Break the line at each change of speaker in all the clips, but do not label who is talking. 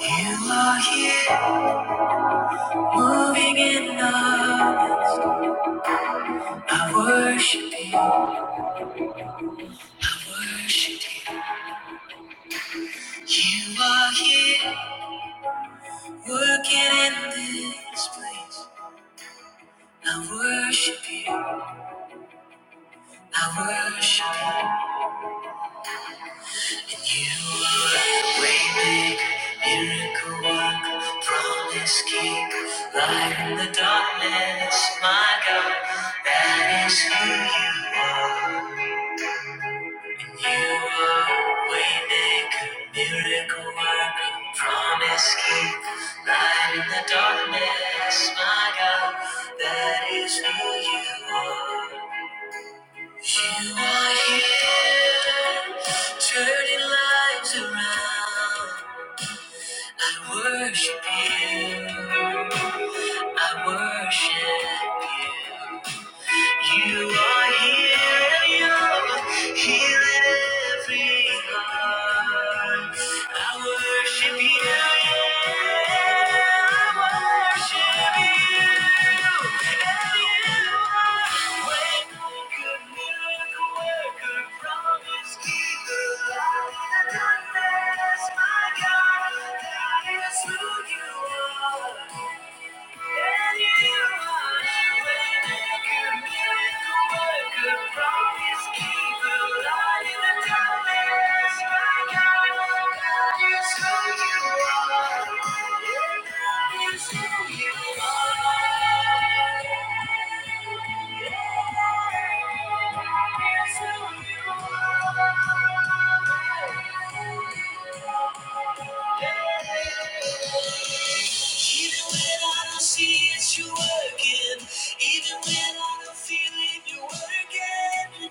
You are here, moving in love. I worship you, worship you. You are here, working in this place. I worship you, I worship you. You are a waymaker, miracle worker, promise keeper, light in the darkness, my God. That is who you are. You are a waymaker, miracle worker, promise keeper, light in the darkness, my God, that is who you are. You are here, turning lives around. I worship you. I worship you. You are here and you're healing every heart. I worship you, yeah. I worship you. And you are way maker, miracle worker, promise keeper, light in the darkness. My God, that is who you are. Thank you. Even when I don't see it, you're working. Even when I don't feel it, you're working. You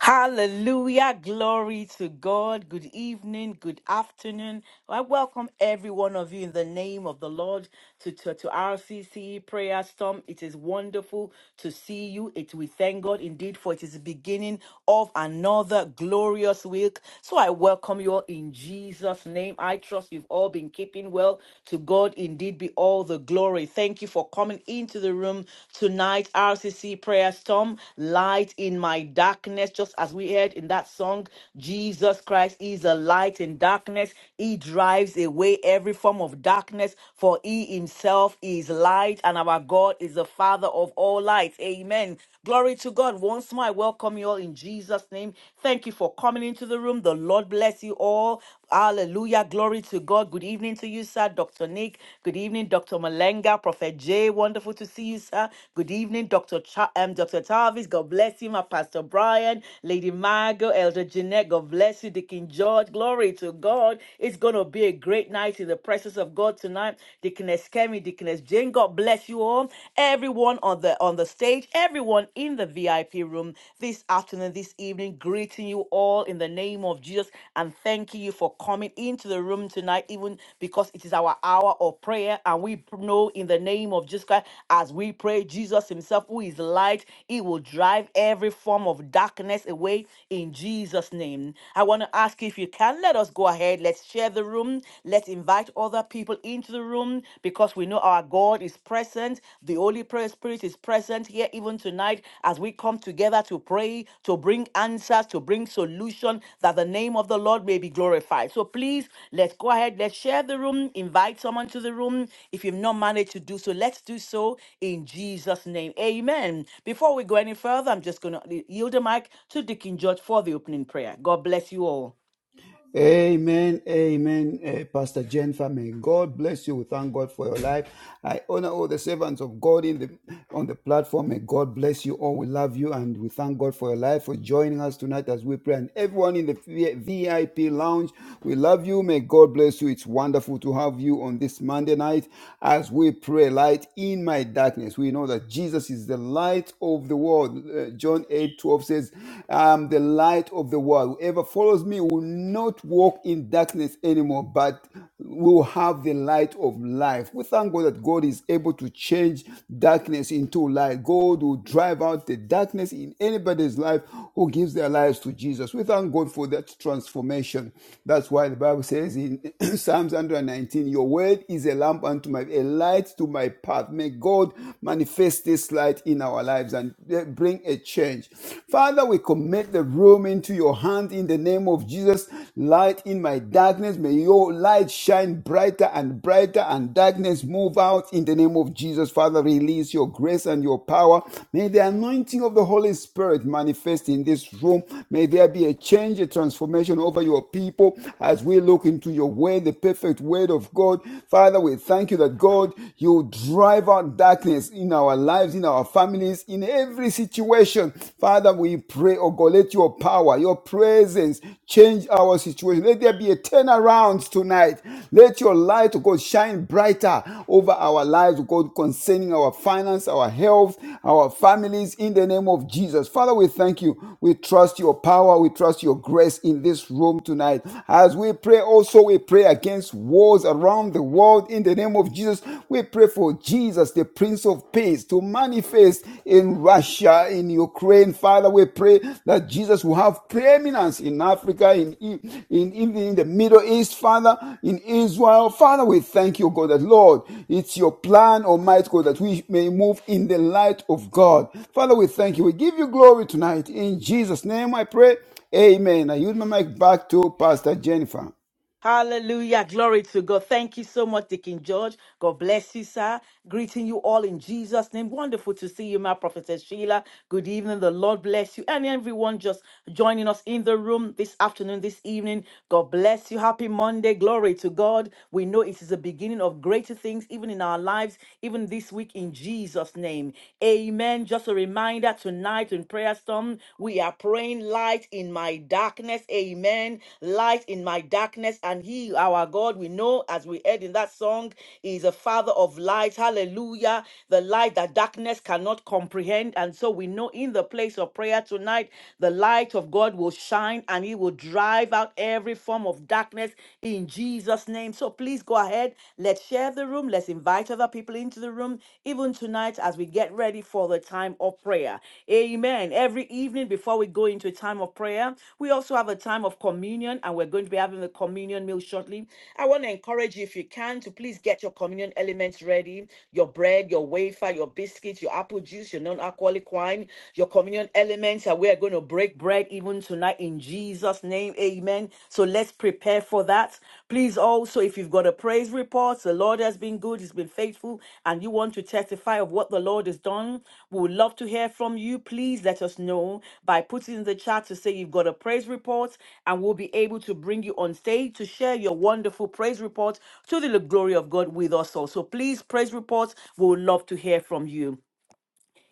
Hallelujah. Glory to God. Good evening. Good afternoon. I welcome every one of you in the name of the Lord to, to, to RCC prayer storm. It is wonderful to see you. It we thank God indeed for it is the beginning of another glorious week. So I welcome you all in Jesus' name. I trust you've all been keeping well. To God indeed be all the glory. Thank you for coming into the room tonight. RCC prayer storm, light in my darkness, just as we heard in that song. Jesus Christ is a light in darkness. He drives away every form of darkness, for he himself is light, and our God is the Father of all light. Amen. Glory to God. Once more, I welcome you all in Jesus' name. Thank you for coming into the room. The Lord bless you all. Hallelujah. Glory to God. Good evening to you, sir. Dr. Nick. Good evening, Dr. Malenga. Prophet Jay. Wonderful to see you, sir. Good evening, Dr. Cha- um, Dr. Tavis. God bless you, my Pastor Brian, Lady Margot, Elder Jeanette. God bless you, Deacon George. Glory to God. It's going to be a great night in the presence of God tonight. Deaconess Kemi, Deaconess Jane. God bless you all. Everyone on the on the stage, everyone in the VIP room this afternoon, this evening, greeting you all in the name of Jesus and thanking you for coming into the room tonight, even because it is our hour of prayer. And we pr- know in the name of Jesus Christ, as we pray, Jesus Himself, who is light, He will drive every form of darkness away in Jesus' name. I want to ask you if you can let us go ahead, let's share the room, let's invite other people into the room because because we know our God is present. The Holy Prayer Spirit is present here even tonight as we come together to pray, to bring answers, to bring solution that the name of the Lord may be glorified. So please, let's go ahead, let's share the room, invite someone to the room. If you've not managed to do so, let's do so in Jesus' name. Amen. Before we go any further, I'm just going to yield the mic to Deacon George for the opening prayer. God bless you all.
Amen, amen, eh, Pastor Jennifer. May God bless you. We thank God for your life. I honor all the servants of God in the on the platform. May God bless you all. We love you and we thank God for your life for joining us tonight as we pray. And everyone in the V- VIP lounge, we love you. May God bless you. It's wonderful to have you on this Monday night as we pray. Light in my darkness. We know that Jesus is the light of the world. Uh, John eight twelve says, "I'm the the light of the world. Whoever follows me will not walk in darkness anymore, but will have the light of life. We thank God that God is able to change darkness into light. God will drive out the darkness in anybody's life who gives their lives to Jesus. We thank God for that transformation. That's why the Bible says in Psalms 119, Your word is a lamp unto my a light to my path. May God manifest this light in our lives. And bring a change. Father, we commit the room into your hand in the name of Jesus. Light in my darkness. May your light shine brighter and brighter and darkness move out in the name of Jesus. Father, release your grace and your power. May the anointing of the Holy Spirit manifest in this room. May there be a change, a transformation over your people as we look into your word, the perfect word of God. Father, we thank you that God, you drive out of darkness in our lives, in our families, in every situation. Father, we pray, oh God, let your power, your presence change our situation. Let there be a turnaround tonight. Let your light, oh God, shine brighter over our lives, oh God, concerning our finance, our health, our families, in the name of Jesus. Father, we thank you. We trust your power. We trust your grace in this room tonight. As we pray, also we pray against wars around the world world in the name of Jesus. We pray for Jesus, the Prince of Peace, to manifest in Russia, in Ukraine. Father, we pray that Jesus will have preeminence in Africa, in, E- in, in, in the Middle East, Father, in Israel. Father, we thank you, God, that Lord, it's your plan, Almighty God, that we may move in the light of God. Father, we thank you. We give you glory tonight. In Jesus' name I pray. Amen. I use my mic back to Pastor Jennifer.
Hallelujah. Glory to God. Thank you so much, Deacon George. God bless you, sir. Greeting you all in Jesus' name. Wonderful to see you, my prophetess Sheila. Good evening. The Lord bless you. And everyone just joining us in the room this afternoon, this evening. God bless you. Happy Monday. Glory to God. We know it is the beginning of greater things, even in our lives, even this week in Jesus' name. Amen. Just a reminder tonight in prayer storm. We are praying light in my darkness. Amen. Light in my darkness. And he, our God, we know as we heard in that song, is a father of light. Hallelujah. The light that darkness cannot comprehend. And so we know in the place of prayer tonight, the light of God will shine and he will drive out every form of darkness in Jesus' name. So please go ahead. Let's share the room the room. Let's invite other people into the room, even tonight as we get ready for the time of prayer. Amen. Every evening before we go into a time of prayer, we also have a time of communion, and we're going to be having the communion meal shortly. I want to encourage you, if you can, to please get your communion elements ready your bread, your wafer, your biscuits, your apple juice, your non alcoholic wine, your communion elements. And we are going to break bread even tonight in Jesus. Jesus' name. Amen. So let's prepare for that. Please also, if you've got a praise report, the Lord has been good, He's been faithful, and you want to testify of what the Lord has done, we would love to hear from you. Please let us know by putting in the chat to say you've got a praise report, and we'll be able to bring you on stage to share your wonderful praise report to the glory of God with us all. So Please, praise reports, we would love to hear from you.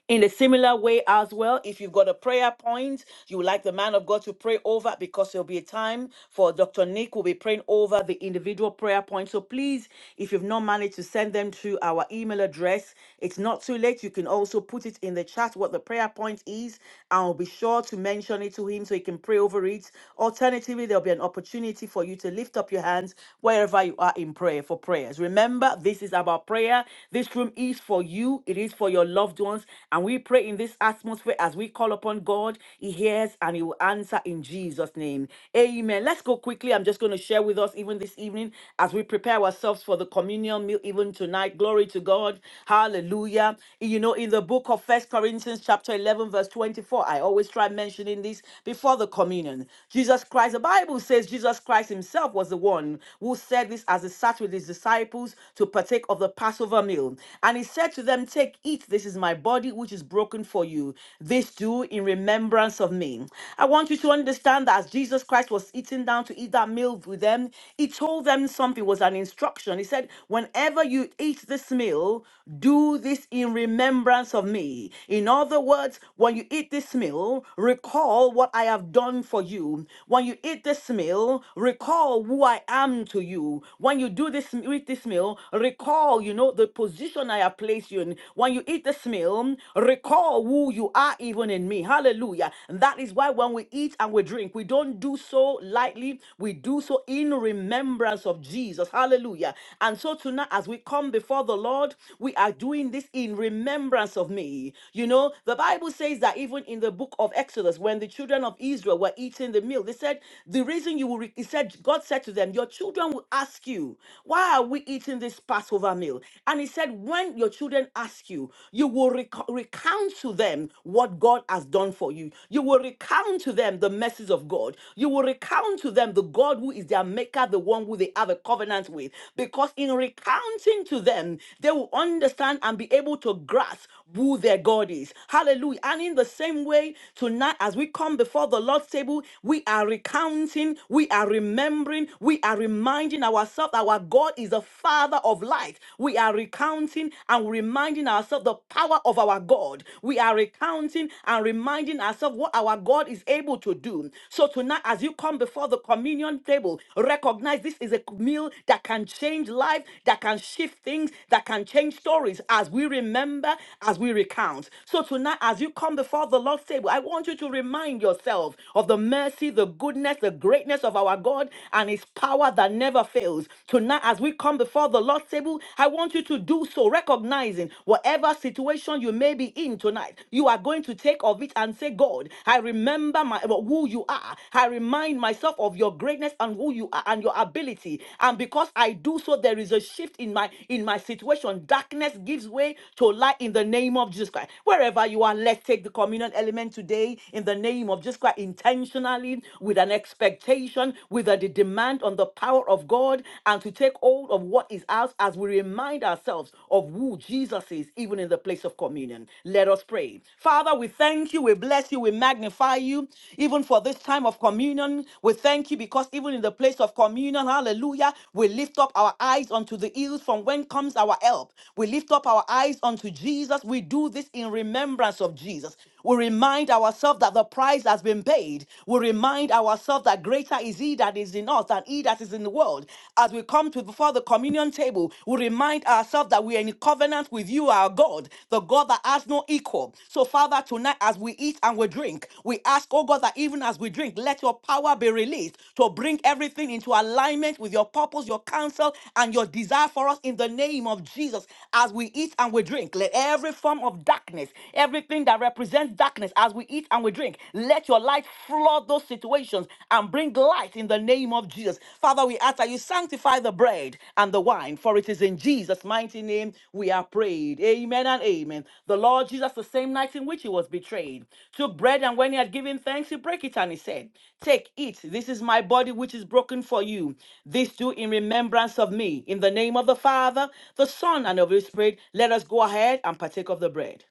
In a similar way, as well, if you've got a prayer point you would like the man of God to pray over, because there'll be a time for Dr. Nick will be praying over the individual prayer point. So please, if you've not managed to send them to our email address, it's not too late. You can also put it in the chat what the prayer point is, and I'll be sure to mention it to him so he can pray over it. Alternatively, there'll be an opportunity for you to lift up your hands wherever you are in prayer for prayers. Remember, this is about prayer. This room is for you it is for your loved ones. And we pray in this atmosphere as we call upon God, He hears and He will answer in Jesus' name. Amen. Let's go quickly. I'm just going to share with us even this evening as we prepare ourselves for the communion meal, even tonight. Glory to God. Hallelujah. You know, in the book of First Corinthians, chapter 11, verse 24, I always try mentioning this before the communion. Jesus Christ, the Bible says Jesus Christ Himself was the one who said this as He sat with His disciples to partake of the Passover. Passover meal. And he said to them, Take, eat, this is my body which is broken for you. This do in remembrance of me. I want you to understand that as Jesus Christ was sitting down to eat that meal with them, he told them something, it was an instruction. He said, Whenever you eat this meal, do this in remembrance of me. In other words, when you eat this meal, recall what I have done for you. When you eat this meal, recall who I am to you. When you do this, eat this meal, meal, recall, you know, the position I have placed you in. When you eat this meal, recall who you are even in me. Hallelujah. And that is why when we eat and we drink, we don't do so lightly. We do so in remembrance of Jesus. Hallelujah. And so tonight, as we come before the Lord, we are doing this in remembrance of me. You know, the Bible says that even in the book of Exodus, when the children of Israel were eating the meal, they said, The reason you will, re-, he said, God said to them, Your children will ask ask you, why are we eating this Passover meal? And he said, when your children ask you, you will reco- recount to them what God has done for you. You will recount to them the message of God. You will recount to them the God who is their maker, the one who they have a covenant with. Because in recounting to them, they will understand and be able to grasp who their God is. Hallelujah. And in the same way, tonight, as we come before the Lord's table, we are recounting, we are remembering morning, we are reminding ourselves that our God is the Father of light. We are recounting and reminding ourselves the power of our God. We are recounting and reminding ourselves what our God is able to do. So tonight, as you come before the communion table, recognize this is a meal that can change life, that can shift things, that can change stories as we remember, as we recount. So tonight, as you come before the Lord's table, I want you to remind yourself of the mercy, the goodness, the greatness of our God and his power that never fails. Tonight, as we come before the Lord's table, I want you to do so, recognizing whatever situation you may be in tonight, you are going to take of it and say, God, I remember my uh, who you are. I remind myself of your greatness and who you are and your ability. And because I do so, there is a shift in my in my situation. Darkness gives way to light in the name of Jesus Christ. Wherever you are, let's take the communion element today in the name of Jesus Christ intentionally intentionally with an expectation, with a demand on the power of God, and to take hold of what is ours as we remind ourselves of who Jesus is, even in the place of communion. Let us pray. Father, we thank you, we bless you, we magnify you, even for this time of communion. We thank you because even in the place of communion, hallelujah, we lift up our eyes unto the hills from when comes our help. We lift up our eyes unto Jesus. We do this in remembrance of Jesus. We remind ourselves that the price has been paid. We remind ourselves that greater is He that is in us than He that is in the world. As we come to before the communion table, we remind ourselves that we are in covenant with you, our God, the God that has no equal. So, Father, tonight as we eat and we drink, we ask, oh God, that even as we drink, let your power be released to bring everything into alignment with your purpose, your counsel, and your desire for us in the name of Jesus. As we eat and we drink, let every form of darkness, every everything that represents darkness as we eat and we drink. Let your light flood those situations and bring light in the name of Jesus. Father, we ask that you sanctify the bread and the wine, for it is in Jesus' mighty name we are prayed. Amen and amen. The Lord Jesus, the same night in which he was betrayed, took bread and when he had given thanks, he broke it and he said, Take, eat. This is my body which is broken for you. This do in remembrance of me. In the name of the Father, the Son, and of the Holy Spirit, let us go ahead and partake of the bread.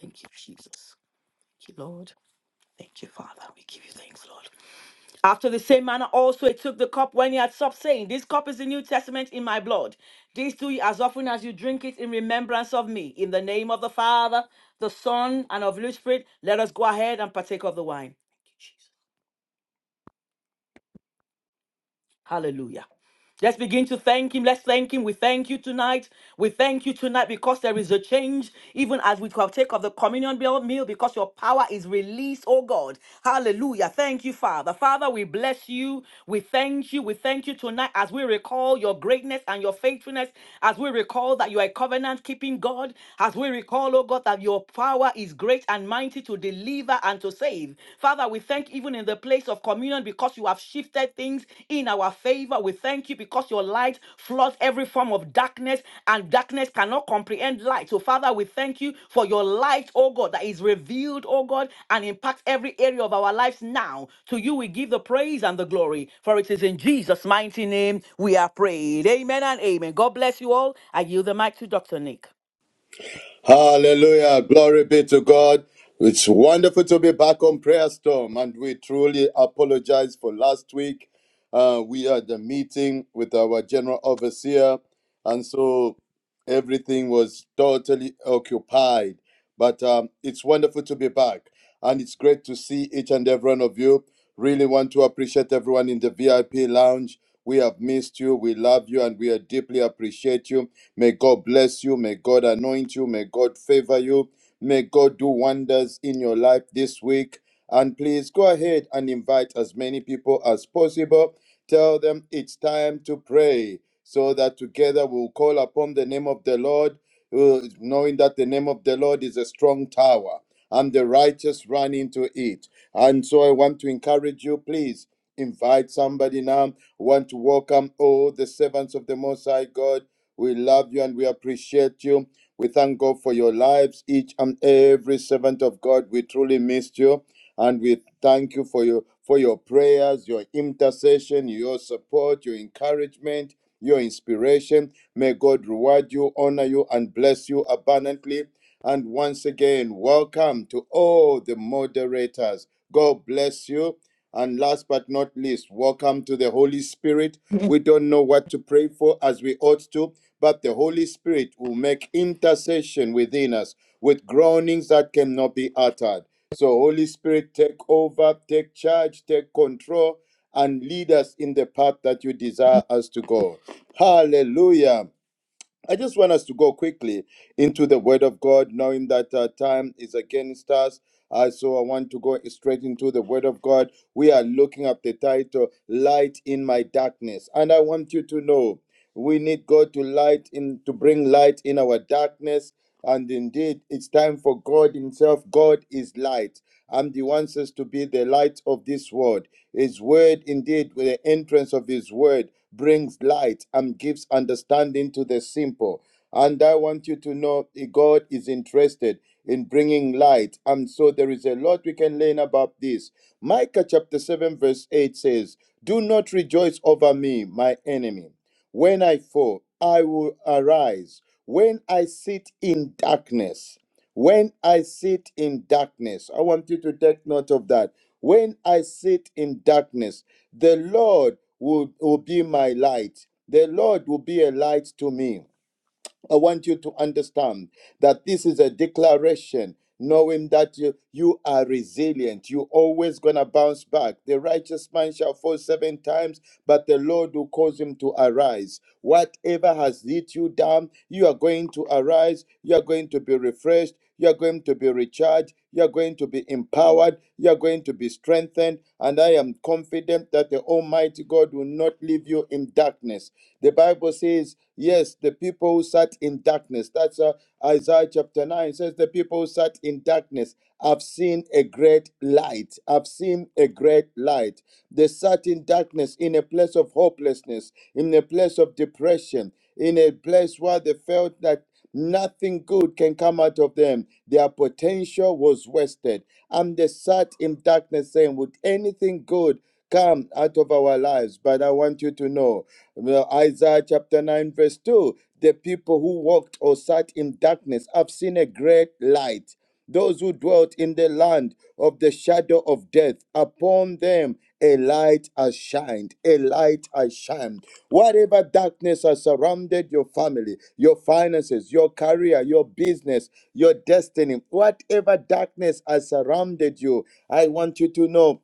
Thank you, Jesus. Thank you, Lord. Thank you, Father. We give you thanks, Lord. After the same manner, also he took the cup when he had supped, saying, This cup is the New Testament in my blood. This do ye as often as you drink it in remembrance of me. In the name of the Father, the Son, and of the Holy Spirit, let us go ahead and partake of the wine. Thank you, Jesus. Hallelujah. Let's begin to thank Him. Let's thank Him. We thank you tonight. We thank you tonight because there is a change, even as we partake of the communion meal, meal, because your power is released, oh God. Hallelujah. Thank you, Father. Father, we bless you. We thank you. We thank you tonight as we recall your greatness and your faithfulness, as we recall that you are a covenant keeping God, as we recall, oh God, that your power is great and mighty to deliver and to save. Father, we thank even in the place of communion because you have shifted things in our favor. We thank you because your light floods every form of darkness and darkness cannot comprehend light. So, Father, we thank you for your light, oh God, that is revealed, oh God, and impacts every area of our lives now. To you we give the praise and the glory, for it is in Jesus' mighty name we are prayed. Amen and amen. God bless you all. I yield the mic to Dr. Nick.
Hallelujah. Glory be to God. It's wonderful to be back on Prayer Storm, and we truly apologize for last week. Uh, we had a meeting with our general overseer, and so everything was totally occupied. But um, it's wonderful to be back, and it's great to see each and every one of you. Really want to appreciate everyone in the VIP lounge. We have missed you, we love you, and we deeply appreciate you. May God bless you. May God anoint you. May God favor you. May God do wonders in your life this week. And please go ahead and invite as many people as possible. Tell them it's time to pray so that together we'll call upon the name of the Lord, uh, knowing that the name of the Lord is a strong tower and the righteous run into it. And so I want to encourage you, please invite somebody now. I want to welcome all the servants of the Most High God we love you and we appreciate you. We thank God for your lives, each and every servant of God. We truly missed you and we thank you for your for your prayers, your intercession, your support, your encouragement, your inspiration. May God reward you, honor you, and bless you abundantly. And once again, welcome to all the moderators. God bless you. And last but not least, welcome to the Holy Spirit. We don't know what to pray for as we ought to, but the Holy Spirit will make intercession within us with groanings that cannot be uttered. So, Holy Spirit, take over, take charge, take control, and lead us in the path that you desire us to go. Hallelujah. I just want us to go quickly into the Word of God, knowing that our time is against us. Uh, so I want to go straight into the Word of God. We are looking at the title, Light in My Darkness. And I want you to know we need God to light in to bring light in our darkness. And indeed, it's time for God Himself. God is light, and He wants us to be the light of this world. His word, indeed, with the entrance of His word, brings light and gives understanding to the simple. And I want you to know that God is interested in bringing light. And so there is a lot we can learn about this. Micah chapter 7, verse 8 says, Do not rejoice over me, my enemy. When I fall, I will arise. When I sit in darkness, when I sit in darkness, I want you to take note of that. When I sit in darkness, the Lord will, will be my light. The Lord will be a light to me. I want you to understand that this is a declaration, knowing that you, you are resilient. You're always going to bounce back. The righteous man shall fall seven times, but the Lord will cause him to arise. Whatever has hit you down, you are going to arise. You are going to be refreshed. You're going to be recharged. You're going to be empowered. You're going to be strengthened. And I am confident that the Almighty God will not leave you in darkness. The Bible says, yes, the people who sat in darkness, that's uh, Isaiah chapter 9, says, the people who sat in darkness have seen a great light. I've seen a great light. They sat in darkness in a place of hopelessness, in a place of depression, in a place where they felt that. Nothing good can come out of them. Their potential was wasted. And they sat in darkness saying, Would anything good come out of our lives? But I want you to know well, Isaiah chapter 9, verse 2 the people who walked or sat in darkness have seen a great light. Those who dwelt in the land of the shadow of death, upon them a light has shined, a light has shined. Whatever darkness has surrounded your family, your finances, your career, your business, your destiny, whatever darkness has surrounded you, I want you to know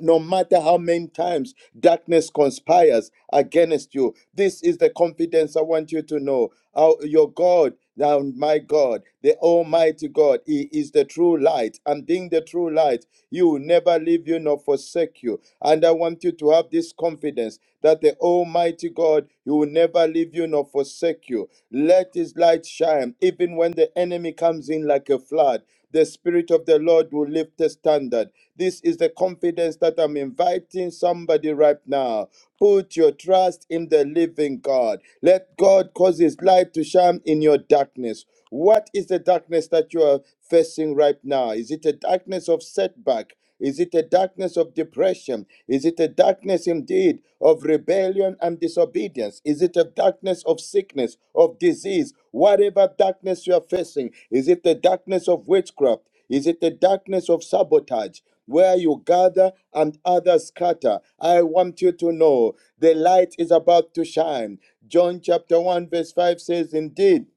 no matter how many times darkness conspires against you this is the confidence i want you to know Our- your god now my god the almighty god he is the true light and being the true light He will never leave you nor forsake you and i want you to have this confidence that the almighty god he will never leave you nor forsake you let his light shine even when the enemy comes in like a flood the Spirit of the Lord will lift the standard. This is the confidence that I'm inviting somebody right now. Put your trust in the living God. Let God cause His light to shine in your darkness. What is the darkness that you are facing right now? Is it a darkness of setback? Is it a darkness of depression? Is it a darkness indeed of rebellion and disobedience? Is it a darkness of sickness, of disease? Whatever darkness you are facing, is it the darkness of witchcraft? Is it the darkness of sabotage? Where you gather and others scatter. I want you to know the light is about to shine. John chapter 1, verse 5 says, Indeed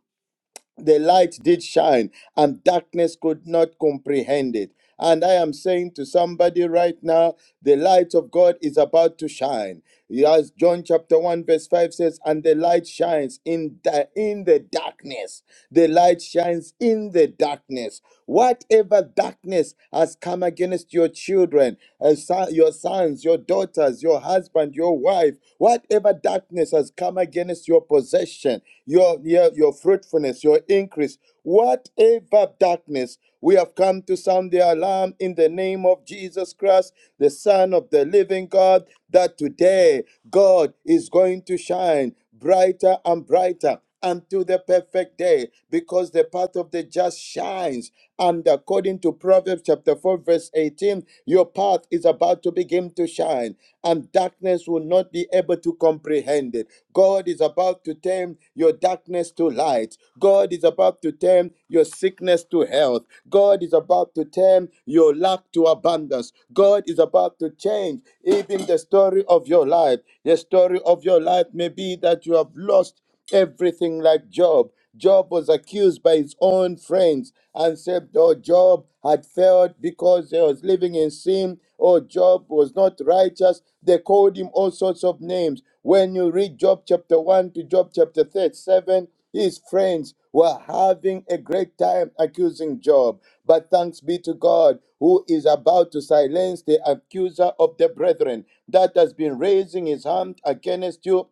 the light did shine and darkness could not comprehend it and i am saying to somebody right now the light of god is about to shine as john chapter 1 verse 5 says and the light shines in the in the darkness the light shines in the darkness whatever darkness has come against your children uh, son- your sons your daughters your husband your wife whatever whatever darkness has come against your possession, your, your, your fruitfulness, your increase, whatever darkness, we have come to sound the alarm in the name of Jesus Christ, the Son of the living God, that today God is going to shine brighter and brighter until the perfect day, because the path of the just shines. And according to Proverbs chapter 4, verse 18, your path is about to begin to shine, and darkness will not be able to comprehend it. God is about to turn your darkness to light. God is about to turn your sickness to health. God is about to turn your lack to abundance. God is about to change even the story of your life. The story of your life may be that you have lost everything like Job. Job was accused by his own friends and said, Oh, Job had failed because he was living in sin. Oh, Job was not righteous. They called him all sorts of names. When you read Job chapter 1 to Job chapter 37, his friends were having a great time accusing Job. But thanks be to God, who is about to silence the accuser of the brethren that has been raising his hand against you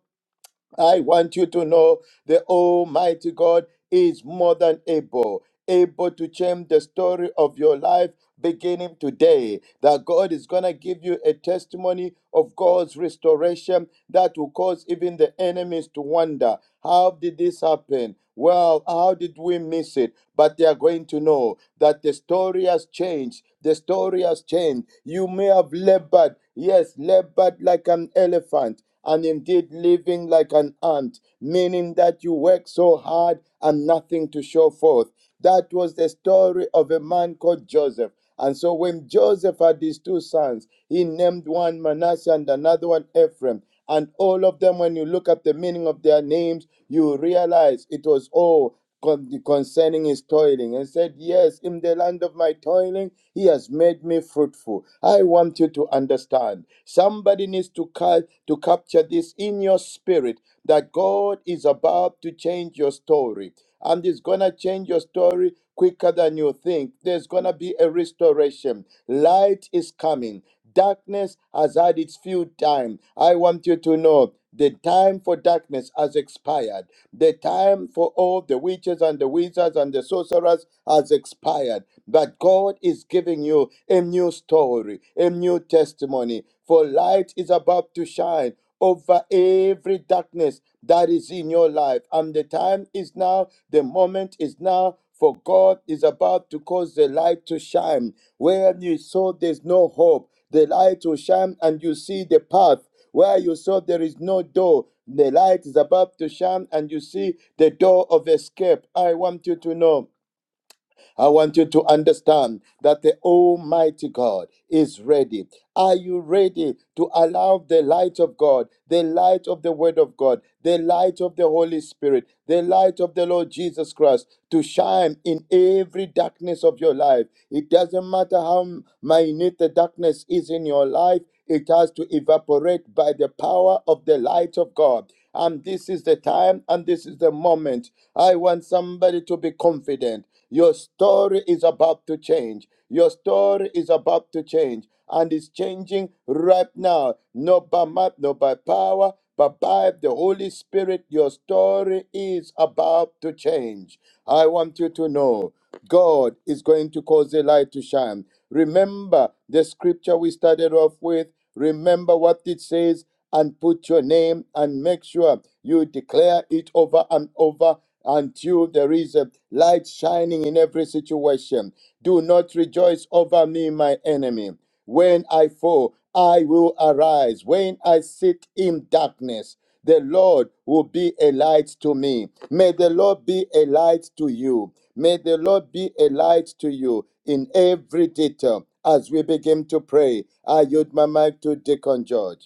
I want you to know the Almighty God is more than able, able to change the story of your life beginning today. That God is going to give you a testimony of God's restoration that will cause even the enemies to wonder how did this happen? Well, how did we miss it? But they are going to know that the story has changed. The story has changed. You may have labored, yes, labored like an elephant and indeed living like an ant, meaning that you work so hard and nothing to show forth. That was the story of a man called Joseph. And so when Joseph had his two sons, he named one Manasseh and another one Ephraim. And all of them, when you look at the meaning of their names, you realize it was all con- concerning his toiling and said, Yes, in the land of my toiling, he has made me fruitful. I want you to understand. Somebody needs to, ca- to capture this in your spirit that God is about to change your story. And it's going to change your story quicker than you think. There's going to be a restoration. Light is coming. Darkness has had its few time. I want you to know the time for darkness has expired. The time for all the witches and the wizards and the sorcerers has expired. But God is giving you a new story, a new testimony. For light is about to shine over every darkness that is in your life. And the time is now, the moment is now, for God is about to cause the light to shine. Where you saw there's no hope, the light will shine and you see the path. Where you saw there is no door, the light is about to shine and you see the door of escape. I want you to know. I want you to understand that the Almighty God is ready. Are you ready to allow the light of God, the light of the Word of God, the light of the Holy Spirit, the light of the Lord Jesus Christ to shine in every darkness of your life? It doesn't matter how minute the darkness is in your life, it has to evaporate by the power of the light of God. And this is the time and this is the moment. I want somebody to be confident. Your story is about to change. Your story is about to change and it's changing right now. Not by might, not by power, but by the Holy Spirit. Your story is about to change. I want you to know God is going to cause the light to shine. Remember the scripture we started off with. Remember what it says and put your name and make sure you declare it over and over until there is a light shining in every situation. Do not rejoice over me, my enemy. When I fall, I will arise. When I sit in darkness, the Lord will be a light to me. May the Lord be a light to you. May the Lord be a light to you in every detail. As we begin to pray, I yield my mic to Deacon George.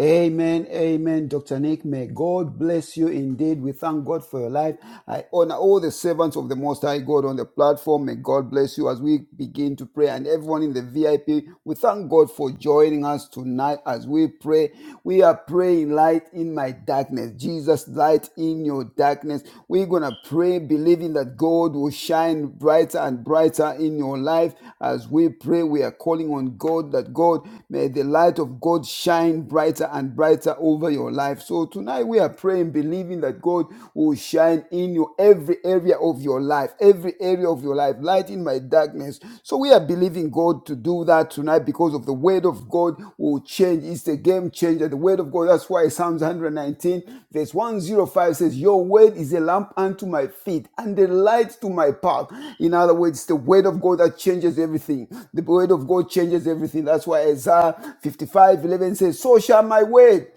Amen, amen, Dr. Nick. May God bless you indeed. We thank God for your life. I honor all the servants of the Most High God on the platform. May God bless you as we begin to pray. And everyone in the VIP, we thank God for joining us tonight as we pray. We are praying light in my darkness. Jesus, light in your darkness. We're going to to pray believing that God will shine brighter and brighter in your life. As we pray, we are calling on God that God may the light of God shine brighter and brighter over your life. So tonight we are praying believing that God will shine in you every area of your life, every area of your life, light in my darkness. So we are believing believing God to do that tonight because of the word of God will change. It's a game changer. The word of God, that's why Psalms 119, verse 105 says, Your word is a lamp unto my feet and a light to my path. In other words, it's the word of God that changes everything. The word of God changes everything. That's why Isaiah 55:11 says, So shall my word.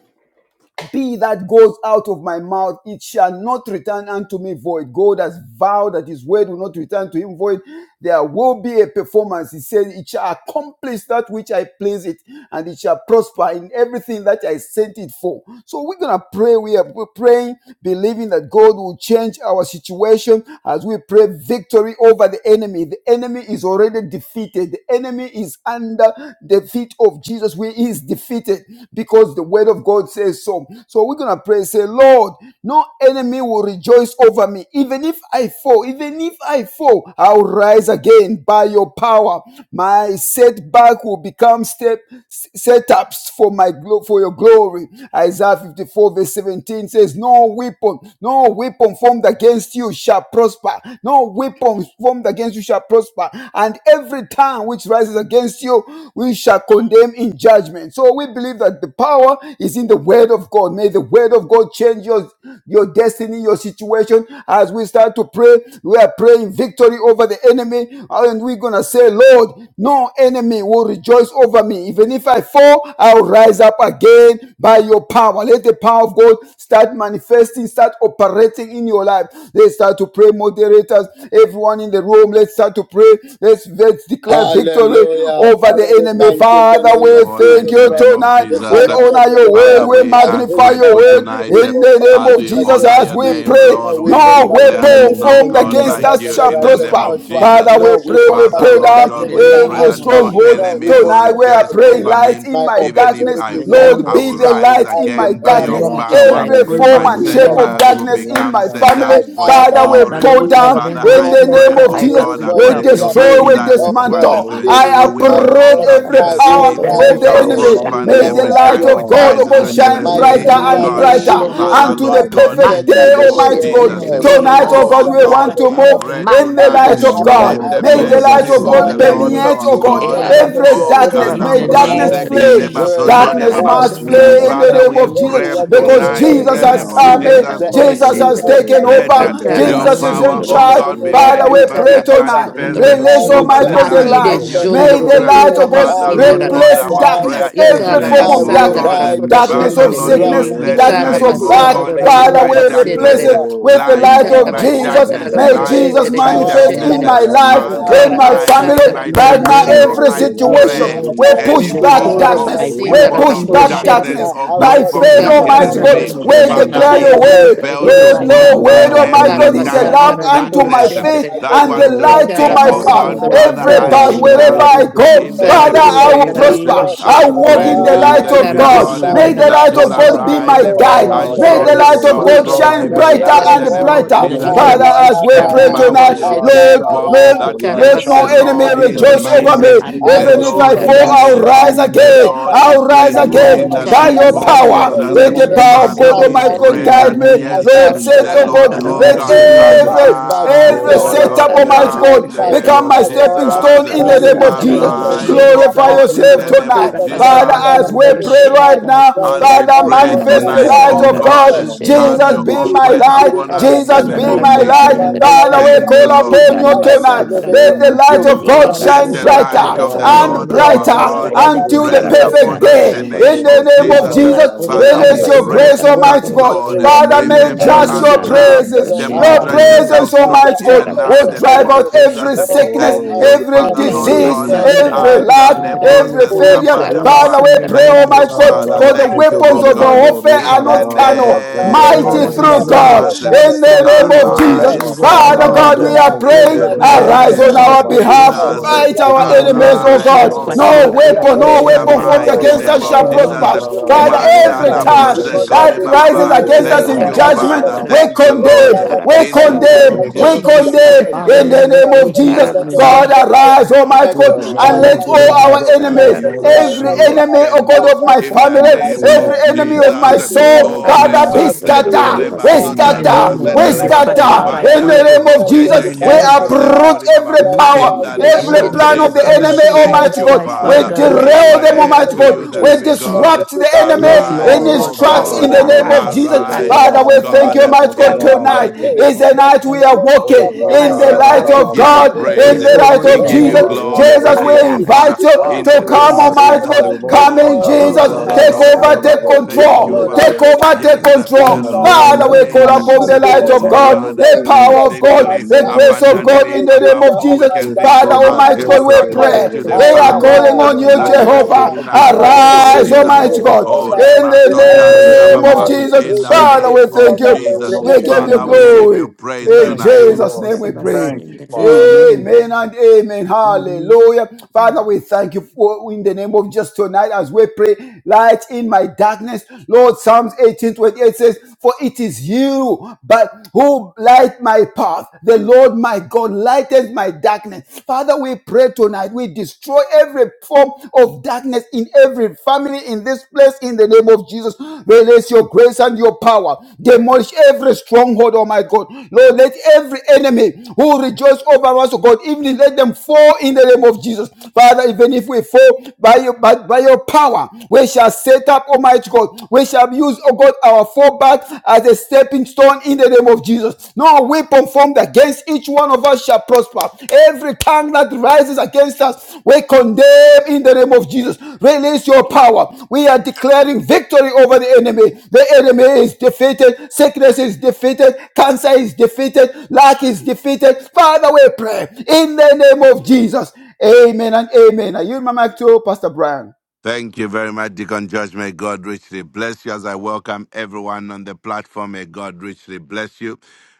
Be that goes out of my mouth, it shall not return unto me void. God has vowed that his word will not return to him void. There will be a performance. He said, It shall accomplish that which I please it, and it shall prosper in everything that I sent it for. So we're gonna pray. We are we're praying, believing that God will change our situation as we pray victory over the enemy. The enemy is already defeated. The enemy is under the feet of Jesus. We is defeated because the word of God says so so. So we're gonna pray, say, Lord, no enemy will rejoice over me. Even if I fall, even if I fall, I'll rise again by your power. My setback will become step s- setups for my glo- for your glory. Isaiah 54, verse 17 says, No weapon, no weapon formed against you shall prosper. No weapon formed against you shall prosper. And every tongue which rises against you, we shall condemn in judgment. So we believe that the power is in the word word of God. May the word of God change your, your destiny, your situation. As we start to pray, we are praying victory over the enemy. And we're going to say, Lord, no enemy will rejoice over me. Even if I fall, I'll rise up again by your power. Let the power of God start manifesting, start operating in your life. Let's start to pray, moderators. Everyone in the room, let's start to pray. Let's, let's declare victory
Hallelujah.
over
Father,
the
we
enemy.
thank you in the
Father,
give
name
you
of
we
honor
thank
in
Jesus
the
you
name
Christ,
of
tonight.
the
Jesus.
We
Son of the
honor your
living
Father,
word
God.
word. We
we
I
are
pray,
magnify your
grateful
Father,
word
no
tonight.
in
weapon
the
As
name of
fashioned
we
In the name
Jesus
of
honor
as
your
against
we
me,
Jesus,
name,
oh
pray.
no
Lord,
God, we
we
Yes,
ask
weapon
No
you,
Lord,
pray,
in
fashioned
the
declare
God,
there's
weapon
name
against
no
of
in
formed
the
God
Mulenga,
against
name
Jesus.
like
of
Natasha,
us
you
and
shall
Jesus,
in
for
no
the
the
Eraseth,
name
message
prosper.
of
weapon
of
formed
the
Joshua,
Jesus.
Lord,
Father,
against him
no
we
I
shall
thank
pray.
weapon
We
you, Lord,
Father,
prosper.
pull
in
fashioned
Lord
the
down
In
God,
the
name
against
we
my
of
pray
every
name
that
Jesus,
of
household,
Lord,
no
in the name of Jesus, we thank you
Jesus
no
stronghold
enemy
for
will
weapon
Christ,
the
tonight. We
fashioned
are
rejoice
name
praying
over
of
against
light
me.
in
my
Jesus.
my
Even if
darkness.
in
I
the
opportunity shall
fall,
name
Lord,
I
of
be
will
the
prosper.
Jesus,
rise
light
I
in my
again
in
by
the
Lord,
declare
the
your
Lord,
darkness.
name
from
I
of Jesus,
today in
power.
I
the
Every
pray,
name
thank you, Lord, in the
form
My
of
God, in
name of
and
Jesus.
the
shape
Jesus.
name of
Father,
of
setbacks
hmm,
let
will
your
darkness
light
in
become
my
shine in the
family,
my
setups for your
Father, we
name
Father,
of
the
glory.
pull
Lord, in the
down
Lord,
Jesus.
name
Father,
of
in
I
no
the
Jesus
name
pray,
enemy
Christ,
of
oh
I
will
Jesus.
got
God,
In the
victory,
We
rejoice
I
according
name
obtain
to
over
of Jesus,
destroy,
me.
victory,
in
we
Isaiah
Oh
51,
the
God,
dismantle.
verse
name of
17,
even
I
no
if I
weapon
Jesus.
uproot
formed
fall,
Thank you.
every
I
against
power
will
me
of
every
rise
the
shall
power
Lord,
of
again.
prosper,
enemy.
mighty
and
May the
And
darkness.
every
God,
by
light
tongue
your
of
ah,
which
God, oh
the
God,
rises
oh God,
power,
shine
against
my
In the
Zendorebo,
me,
brighter
oh
Ruta,
and
setbacks
God.
brighter
name
will,
Tararaba,
of
will
Father,
unto the
Lord
Jesus,
become
Zendorebo,
God,
perfect
in
Teka,
the
setups
day,
name
Miloto,
for
of
Almighty
your
Teka,
God.
in the
Jesus.
glory.
Zendorebo,
Tonight,
name
oh
of
Ruta,
God,
Oh
we
Setups
Jesus
for
Zendorebo,
want
Lord,
Christ,
your
to
we
Father,
pray
move
Lord,
glory.
in the
tonight.
Abba,
In
light
the
of
Father,
name
God.
Let
of
I
the
May
pray.
the
Jesus
Jesus,
light
mercy
Christ,
of
oh
in the
of
God
God,
the
in
Father,
the
name
let
Lord
of
name
the
of
permeate,
our
oh
exceeding
God,
Jesus,
God,
Ikara
greatness
every
of
every
your
oh
word,
masindara
in
darkness.
the
da
in the
May
the
Kalambra
name of
darkness
name
power
of
koroshendere.
in
flee.
your
Zekeleba
Jesus,
Jesus
word
in the
of
Sotoria
Darkness
name
Matara
Baba.
God,
of
must
Lord,
shendere
flee
da
in
Jesus.
the
in
Father,
penetrate
the
name
we
of
name
Jesus
every
of
pray
Jesus
works of the
because
Christ,
tonight
Oh,
oh
in
koroshendere.
Jesus
the
enemy.
yes,
Lord,
has
I
ah,
name
la,
of
pray
la,
come
that
la,
in.
Masindara da
la,
Jesus.
The
ba,
Mm.
enemy
Jesus
will
zunda,
has
not
da,
koroshendere.
da,
taken
ba,
Let
over.
uh,
rejoice
zunda,
in
da,
Ikara
the
over
ba,
your
Jesus
me.
shika,
name
is
of
in
power,
da,
The
da,
basundoro.
oh
da,
Jesus
charge.
enemy
Christ,
God,
will
be
da, da,
Father,
never
many,
we
ba.
rejoice
pray
made
over
tonight.
me.
in the
manifest
name
In
uh,
the
of
Ikarabasondororo.
I
Release,
name
over
Jesus
of
Almighty
the
reject
God,
Christ,
the
it
oh
lives
Lord,
Makide
light.
of
in
we
Jesus,
are
your
the
praying
name
May
of
the
jondororo
again.
children.
light
Jesus.
kura
of
in
God
Father,
I
In the
Lord
name
will
masindarara.
God,
of
replace
Mm.
our
Jesus
arise
Christ,
prayer
darkness,
oh
is
again.
the
every
Lord,
form
led,
I
of
oh
name
will
of
God.
Ikarabasandarara
uh,
darkness
rise again.
darkness
Jesus,
in
Father,
of
the
poroshendere.
in
Lord
the name of Jesus, in the
Right
sickness,
God,
in
name
name
of
the
let
of
name
Jesus
darkness
of
light,
of
Christ,
oh
Jesus.
how
lack.
Jesus
I
God,
pray,
Ikarabasotororo
oh
Christ, the
in
God,
Father,
koro
Son
my
we
in
of
the
the
name of
living
replace
basendere.
darkness,
it
eh,
God.
Oh,
with the
I
light
light
zunda, da,
in
pray
of
da,
my
da, ba,
Jesus.
darkness,
Ikarabasandarara
against
May
zunda, da,
light
Jesus
ba,
every
in
koroshendere
my
power
Jesus,
shika,
in
of
the
manifest
da,
darkness.
name
in
koroshendere.
eh.
of
ba,
my
Jesus.
ya,
darkness.
life,
na, da, da,
Father,
da,
in
Father,
Father,
ba.
my
light
I
every
family,
in
flow
my
Ikarabasandarara
in
darkness
the
right
In
that
the
now,
darkness.
name
has
name
of
So
koroshendere.
tried
every
Jesus.
Mm.
I
to
Yes,
surround
situation.
of
pray
my
Lord,
We
life
in
push
any
the
to
back
form
name of
surround
Koro
Jesus,
darkness.
of
my
I
We
flow God,
family,
weapon
basindarara
push
in the
to
of
back
name of
surround
koroshendere.
darkness,
my
Jesus.
darkness.
oh
By
God,
Let
household,
God be
formed
faith,
to
God in
Almighty
surround
against
the
God,
the
me.
Ikarabasandarara
name of
we
Jesus.
ministry,
Even
Father,
as
koroshendere
Jesus,
declare
to
I
your
it will
surround
pray,
the
word.
koroshendere
fail
even
to
business,
Lord,
right
in the
koroshendere.
now,
Lord,
to
name
God,
prosper
word,
I
of
surround
call
the
Almighty
every
God,
work
upon
of
you,
is a
my
God,
tongue
Jesus.
in
lamp
hands,
Ikarabasandara
of
the name
unto
to
of
my
darkness eh,
surround
feet
Jesus.
koroshendere.
my
that
and the
My
wants to
potential.
Oh,
God,
light to
I
speak,
my
oh
pray,
path.
Father,
God,
God.
I
Ikarabasondoro
in
Zandarabas,
the
Father,
Every
name
I
of
path,
Libra,
pray
Jesus,
koroshendere.
wherever
Christ,
renounce
right
oh
I
in the
God.
name
go,
in the
of
I
Father,
name
pray in
of
Jesus.
I
the
will
Ikarabasandara
Jesus,
It's
eh,
name
prosper.
of
time to
I
Jesus,
I
koroshendere.
Christ,
in
walk
my
the
pray
in
to
the
Lord.
name
you,
of
light
the
arise.
of
Pray,
living
God,
God.
It's
Jesus,
in
God,
the
God.
eh,
I
time
May
name
to
Ikarabasindara
the
of
will
that
light
Jesus
you'll
of
arise.
Christ,
prosper.
God
oh
be
koroshendere.
arise
my
God.
eh,
I
Oh,
guide.
pray,
my
and
God.
May
Father,
show
the
let
enemies,
light
your
of
yourself
light
God
Ikarabasondoro
strong
rejoice
shine
shine,
not
even
oh
brighter
when
now in
I
the
God.
koroshendere.
and
Yes,
name
fall,
of
Lord, in
brighter.
for
the
Let
Jesus.
I
your
name
eh.
Father,
of
shall
light
Jesus,
as we
I
pray
shine,
pray,
Ikarabasandara
arise.
let
God.
Empower
tonight,
your
your
I
light
koroshendere.
shall
Lord,
people
shine, let
Lord,
your
that
arise
light
yes,
let no
the
right
shine.
enemy
Ikarabasondoro
Lord
now.
in the
In
is
name
the
of
rejoice
name
over
Jesus.
me.
koroshendere.
of
mighty,
I pray
I
the
Even
with
Jesus,
if
in
in
begin
the
I
Lord
the
to
fall,
is
name
name
of
bounce
of
I'll
Jesus.
able,
back,
Ikarabasandara
rise
the
Jesus.
again.
not by
Lord
koroshendere.
might,
is
I'll
not
In
rise
the
by
In
faithful
the
again
in
name
power,
the
of
by
name
but
your
by
of
Jesus, in
the
Ikarabasandra
power.
the
Holy
Jesus. eh.
name
Let
of
the
Spirit.
power
Poroshendra
of
Father,
Jesus,
God,
I
we
Almighty
bounce
God,
Poroshendra
pray
in the
back,
guide
that
me.
name
name
I
of
of
yes, eh,
Lord,
bounce
Jesus.
said,
Jesus,
the
back,
oh
in
Lord,
the
Ikarabasandra
God,
King
Father,
oh
I
name
of
let
pray
of
God,
kings,
with
I
Poroshendra
in
Jesus.
every
bounce
Jesus'
back,
name of
arise
every
God.
Lord
on
Oh,
of
our
yes,
setup,
lords, I
Lord,
Almighty
Ikarabasandra
behalf
yes,
bounce
in
God,
the
back.
Lord,
name
Poroshendra
become
of
yes,
my
My
Lord.
God,
stepping
I'm
stone
Jesus. eh.
In
in
Let
the
your
name
declaring
the
of
light
Ikarabasandra
name
Jesus.
shine,
of
resilience
oh
Arise,
God.
Jesus,
O
Poroshendra
right
Glorify
now
I
in
God,
the
pray
in
name
yourself
the
with.
of
name
tonight.
of
Jesus Christ,
Father,
Father,
the
Jesus.
Lord,
Ikarabasandra
Son
in
as
of
the
we
the
name of
pray
living God
Jesus,
right
Poroshendra
I
now,
pray
knowing
As
with.
that
we
Father,
my
pray
In
God,
the
you
manifest
are
name
the
of
tonight,
more
light
O
than
of
Ikarabasandra
Jesus,
God.
ever,
in
God,
the name
Satan,
of
Poroshendra
have
in
ever
Jesus,
your
to
be
Jesus,
own
do
my
way
exceeding
light.
upon
and
us in the
in
Jesus,
the
the
name
be
Ikarabasandra
abundantly.
of
name
name
my
of
of
My
Jesus,
light.
Jesus.
I
Father,
Poroshendra
pray
Jesus,
I
Father,
with
am
in
we
the
in
Thank you,
name
call
trusting
Jesus'
of
Lord.
you.
name.
upon you
I
Jesus,
am
tonight.
in the
Ikarabasandra
believing
Let
you.
name
the
of
You
light
will
of
Jesus.
never
God
leave
Lord
Let
me
shine
the
God,
nor
I
brighter
light
Ikarabasandra
pray.
forsake
of the
Ah,
me.
In the
and
yes,
Lord
You
name
Poroshendra
are
when
of
the
our
my
brighter
Jesus,
Lord
I
God
about
let
you,
until
it
the
everlasting
in
rest
do
the name
good
God.
of
perfect
upon
name
us
of.
in
Jesus,
the
Ikarabasandra
day.
in
Jesus.
name
In
Poroshendra
of
the
the name
You
We'll
are
of
do
Jesus.
what I
Jesus,
name
worthy
pray
y
to
of
be
Father,
for
we
release
in
praised,
your
pray
Jesus,
Jesus'
grace,
carabasantara
name,
da
oh
worthy
that,
Almighty
God.
God.
corosh,
to be
Lord,
in the
Father,
worshipped,
name
In
of
may
the
remember
just
worthy
name
us
to
of
your
be
Jesus,
carabasantara
Jesus,
now.
da
in the name of Jesus, in the
lifted on
praises,
name of
your
high.
coroshentere,
Father,
Demonstrate
Lord,
Jesus.
My
I
praises,
yourself
pray.
strong
Father,
y
Almighty
I
even
God,
bless
now in
will
the
your holy
name
drive
carabasantara da
of
out
name.
Jesus.
every
coroshentere.
Oh,
sickness,
Thank
Oh,
you,
Almighty
that's in
every
the
God,
Father,
name
Ikara
Lord
be
of
Jesus,
disease,
come
God.
in,
Jesus.
masandara da
God.
every
glorified
lack,
I
poroshendere.
now,
call
every
O
upon you,
failure.
Ikara
Jehovah,
Jehovah.
Father,
Akalebroseskaparababa.
in
we
the
masandara
pray,
da
Thank
name
I
of
you,
Almighty
Jesus.
God,
pray
Father.
poroshendere.
right
for the
now,
Thank you,
weapons
oh
ancient
of
of
our
God.
Ikara
Tabarabashikedelelebo,
peace.
warfare are
In
masandara.
the
I
not
pray right
carnal,
now,
name
mighty
of
Ikara
riparararabazendererebo,
Lord,
Almighty
in the
God,
through
name
masandara.
of
God,
shekerebo.
that
Jesus,
Father,
in
Jesus, I
show
the
pray,
name of
yourself
God, in
Ikara
Jesus.
Oh,
strong
arise, O
Jesus'
on
masandara.
Father
name,
our
oh
God,
God
we
God.
are
I
behalf.
pray,
in
praying,
the
God,
Right
in the
raparararabazekerebo,
Ikara
now,
name
arise
of
name
on
covenant
Jesus,
masandara
our
of
da
that
keeping
Lord,
behalf,
God,
Jesus.
God.
zindarabazenderebo,
poroshendere.
fight our
In the
righteous
name
enemies,
God,
of
oh
Arise,
Ikara
God.
Jesus
oh
shikalabarekerebo.
Christ,
No
Lord,
God,
masandara
you
God,
da
are
I
weapon,
let
no
in
them
worthy
Oh,
in
the
the
to
weapon
be
name
poroshendere.
of
formed
Jesus.
mighty
praised,
against
name
us
Poroshendere.
of
shall
The
worthy
name
Jesus.
of
prosper.
to
Jesus,
be
Ikara
Father,
worshipped, O
in the
every
Mandala
God,
masandara
name
da
of
brose
time
because
Jesus
I
raparararararararararararabazekerebo.
that
Christ.
kole
poroshendere.
believe
Baba,
you are
rises
ba
Oh
my
against
God,
us
Oh,
defense
Thank
I
in
and
you,
my
call
judgment,
Father.
Ikaramasandara,
we
defender.
Thank you,
Oh,
Lord.
Father,
raparararabashekerebo,
condemn, we
In
contend
the
with
name
them
condemn,
Ikarabasandara,
that
of
in
sakalabareke.
we
Jesus,
contend
Jesus
we
Christ.
condemn
Korobasindara,
against
pray
me.
Father,
in
to
the
you,
Lord,
the
let
name
there
of
living
Frustrate
be
the
Jesus.
God
God.
in the
tokens of
God,
name
the
Ikarabasandara,
liars.
Arise
arise,
now,
Almighty
Make
Koroshendra,
oh
In
the
the
God,
God.
and
destroy
name
the
let
of
diviners
world.
Do
all
mad.
our
only
Jesus, in
what
Make
the
enemies,
the
Koromasandara,
name
you,
of
the
every
diviners
Jesus.
Every
Koroshindara,
Lord,
mad.
enemy, oh
can
God,
do
of
Abba,
my
in the
family,
Father,
In the
I
name
name of
every
pray,
of
Ikaramasindara,
enemy
Jesus,
of
make
in
Jesus.
my
the
the name
soul,
of
Oh,
diviners
Father,
Jesus,
be
Reba,
mad.
in the
Ikaramasundara,
Seta,
name of
scattered.
Even
Reba,
We
now, oh
In
Sota,
the
Korobasindara,
Jesus,
scatter.
Reba,
Lord.
name
in
of
the
We
Seta,
Lord,
name
I'm
Jesus,
of
Reba.
but
calling
scatter.
Father,
Jesus.
I
upon
In
pray,
you.
Mandale
Ikarabasandara,
the
God,
name of
Make the
Jesus,
in the
brokeje
we
kele
divine
name of
as
Korobasindara,
broze
Jesus,
uproot
mad.
kori baba.
every
I
Right
power,
pray.
In
now,
the
Matide,
King of
name
every
of
Every
Kings,
Shedra,
plan of the
Jesus,
make
name
the
of
enemy,
Koroshendra,
thank
divine
Almighty
Jesus
as
you,
Christ,
God. We
mad.
Father,
Father.
Lord,
God, Lord.
We
Right
no
derail
now,
them,
pray
enemy
Almighty
Ancient
to
will
of
you,
God.
the
We
Days,
rejoice
living
over
make the
me.
God.
disrupt the
divine as
Even
Yes,
enemy
if I
in
Arise,
mad.
Oh,
his
O
Lord.
fall,
Rafa,
I
ra,
Right
tracks
ra,
in
will
now,
ra,
the
God.
ra,
name
ra,
of
ra,
covenant
arise
ra,
by
Jesus.
keeping
the
Arise,
ra, ra, ra,
Father,
power.
O
God.
we
ra,
thank you,
ra,
God.
Abba,
ra, ra,
Almighty
ra,
by
God.
In
ra,
the
Father,
the
ra, ra.
I
power
Tonight
mighty
We
pray
sing
name
is
it.
the
of
that
night we
my
Jesus.
are
God, you are
Oh,
walking
Thank
more
you,
my
in
Rafa,
than
the
ra,
Father.
ra,
setback
light
ra,
We
will
ever,
of
ra,
give
ra.
you
become
God,
my
able
Zonde,
to
praise.
in
re,
Yes,
the
bo,
do
setback
light
Lord,
si,
for
We
in
of
ta,
the
your
give
ra,
name
you
Jesus.
of
ba,
glory.
exceeding and
rende,
glory.
re,
We
Jesus,
re,
we
give
bo.
you
abundantly
Makara
honor.
invite
Shandara
you
because
In
Ah,
you
to
the
you
Koroba
de,
name
come,
have
of
ta,
Jesus
re,
Almighty
more
God.
Sandara
Christ.
ta,
Jesus.
than
re,
Lord.
bo.
Come
Oh,
Zan,
in,
la
ta,
able.
ra,
Pray,
ra,
Jesus.
baba
ra, ra,
Ikorova
Lord.
Take
ra,
Father,
setori
ra,
I
over,
ra,
baba.
ra,
Sandara.
take
pray,
ra. Ye,
let
Thank
Oh,
control.
ken,
you,
re,
your
we
re, re,
light
Take
Father.
bo.
confession
over,
shine
take
Yes, uh,
against which
control.
In
the
the
the
Yes,
brighter
In
Lord
and
name
apostle
the
Father,
is
of
we
name
brighter
of
call
Ikara
able
upon
so
Jesus,
to
the
until
Jesus
in
light
every
do,
the
the
of
time
oh
Christ.
God,
that
name
perfect
of
God, uh,
the
day.
power
Let
Jesus,
of
rise
your
in the
light
God,
exceedingly
against
the
name
shine
of
grace
in
of
Jesus.
God
abundantly
in
every
the name
above
of
detail
all
of
we
my
Jesus.
can
Esse
think
Father,
or
darkness in
zumba
my
ask,
Almighty
uh,
Ikara
God,
life,
rete
we
oh
de de
God.
de
according
pray.
Sandara
de
to the
We
de
I
are
zumba
power
Koroshendra
da
calling
da
arise,
on
that
da
is
you,
at
I
work
yelo da da
Ikara The
arise.
within
Jehovah.
us in
kita
the
I
Sandra,
name
the
of
decree
Arise,
Jesus.
Almighty
victory
Koroshendra
God,
Oh,
over
in
Leba
every
Ikara
In
Sota
the
enemy.
Riba
the
Ba
name
name
Ba
of
I
Ba,
Sandara
of
Jesus.
in
decree
the
Koroshendra
Father,
Jesus,
victory
name
we
in the
thank
of
over
you.
name
Jesus.
every
of
We
Jesus,
give
enemy.
I
you
Father, we
pray
Jesus.
Ikara
give you
glory.
for
praise
this
In
in
Thank
tonight.
you,
Jesus'
Lord.
name
Jesus'
we
name.
pray.
Thank you,
the
Father.
Amen.
Amen and
Koroshendra.
amen.
Amen.
Hallelujah. Father, we thank you for in the name of just tonight as we pray, light in my darkness. Lord, Psalms 18 28 says, For it is you, but who light my path. The Lord my God lightens my darkness. Father, we pray tonight. We destroy every form of darkness in every family in this place in the name of Jesus. Release your grace and your power. Demolish every stronghold, oh my God. Lord, let every enemy who rejoice over us, oh God, even let them fall in the name of Jesus. Father, even if we fall by your, by, by your power, we shall set up, Almighty God. We shall use, oh God, our fallback as a stepping stone in the name of Jesus. No no weapon formed against each one of us shall prosper. Every tongue that rises against us, we condemn in the name of Jesus. Release your power. We are declaring victory over the enemy. The enemy is defeated. Sickness is defeated. Cancer is defeated. Lack is defeated. Father, we pray in the name of Jesus. Amen and amen. Are you in my mic too, Pastor Brian?
Thank you very much, Deacon Judge. May God richly bless you as I welcome everyone on the platform. May God richly bless you.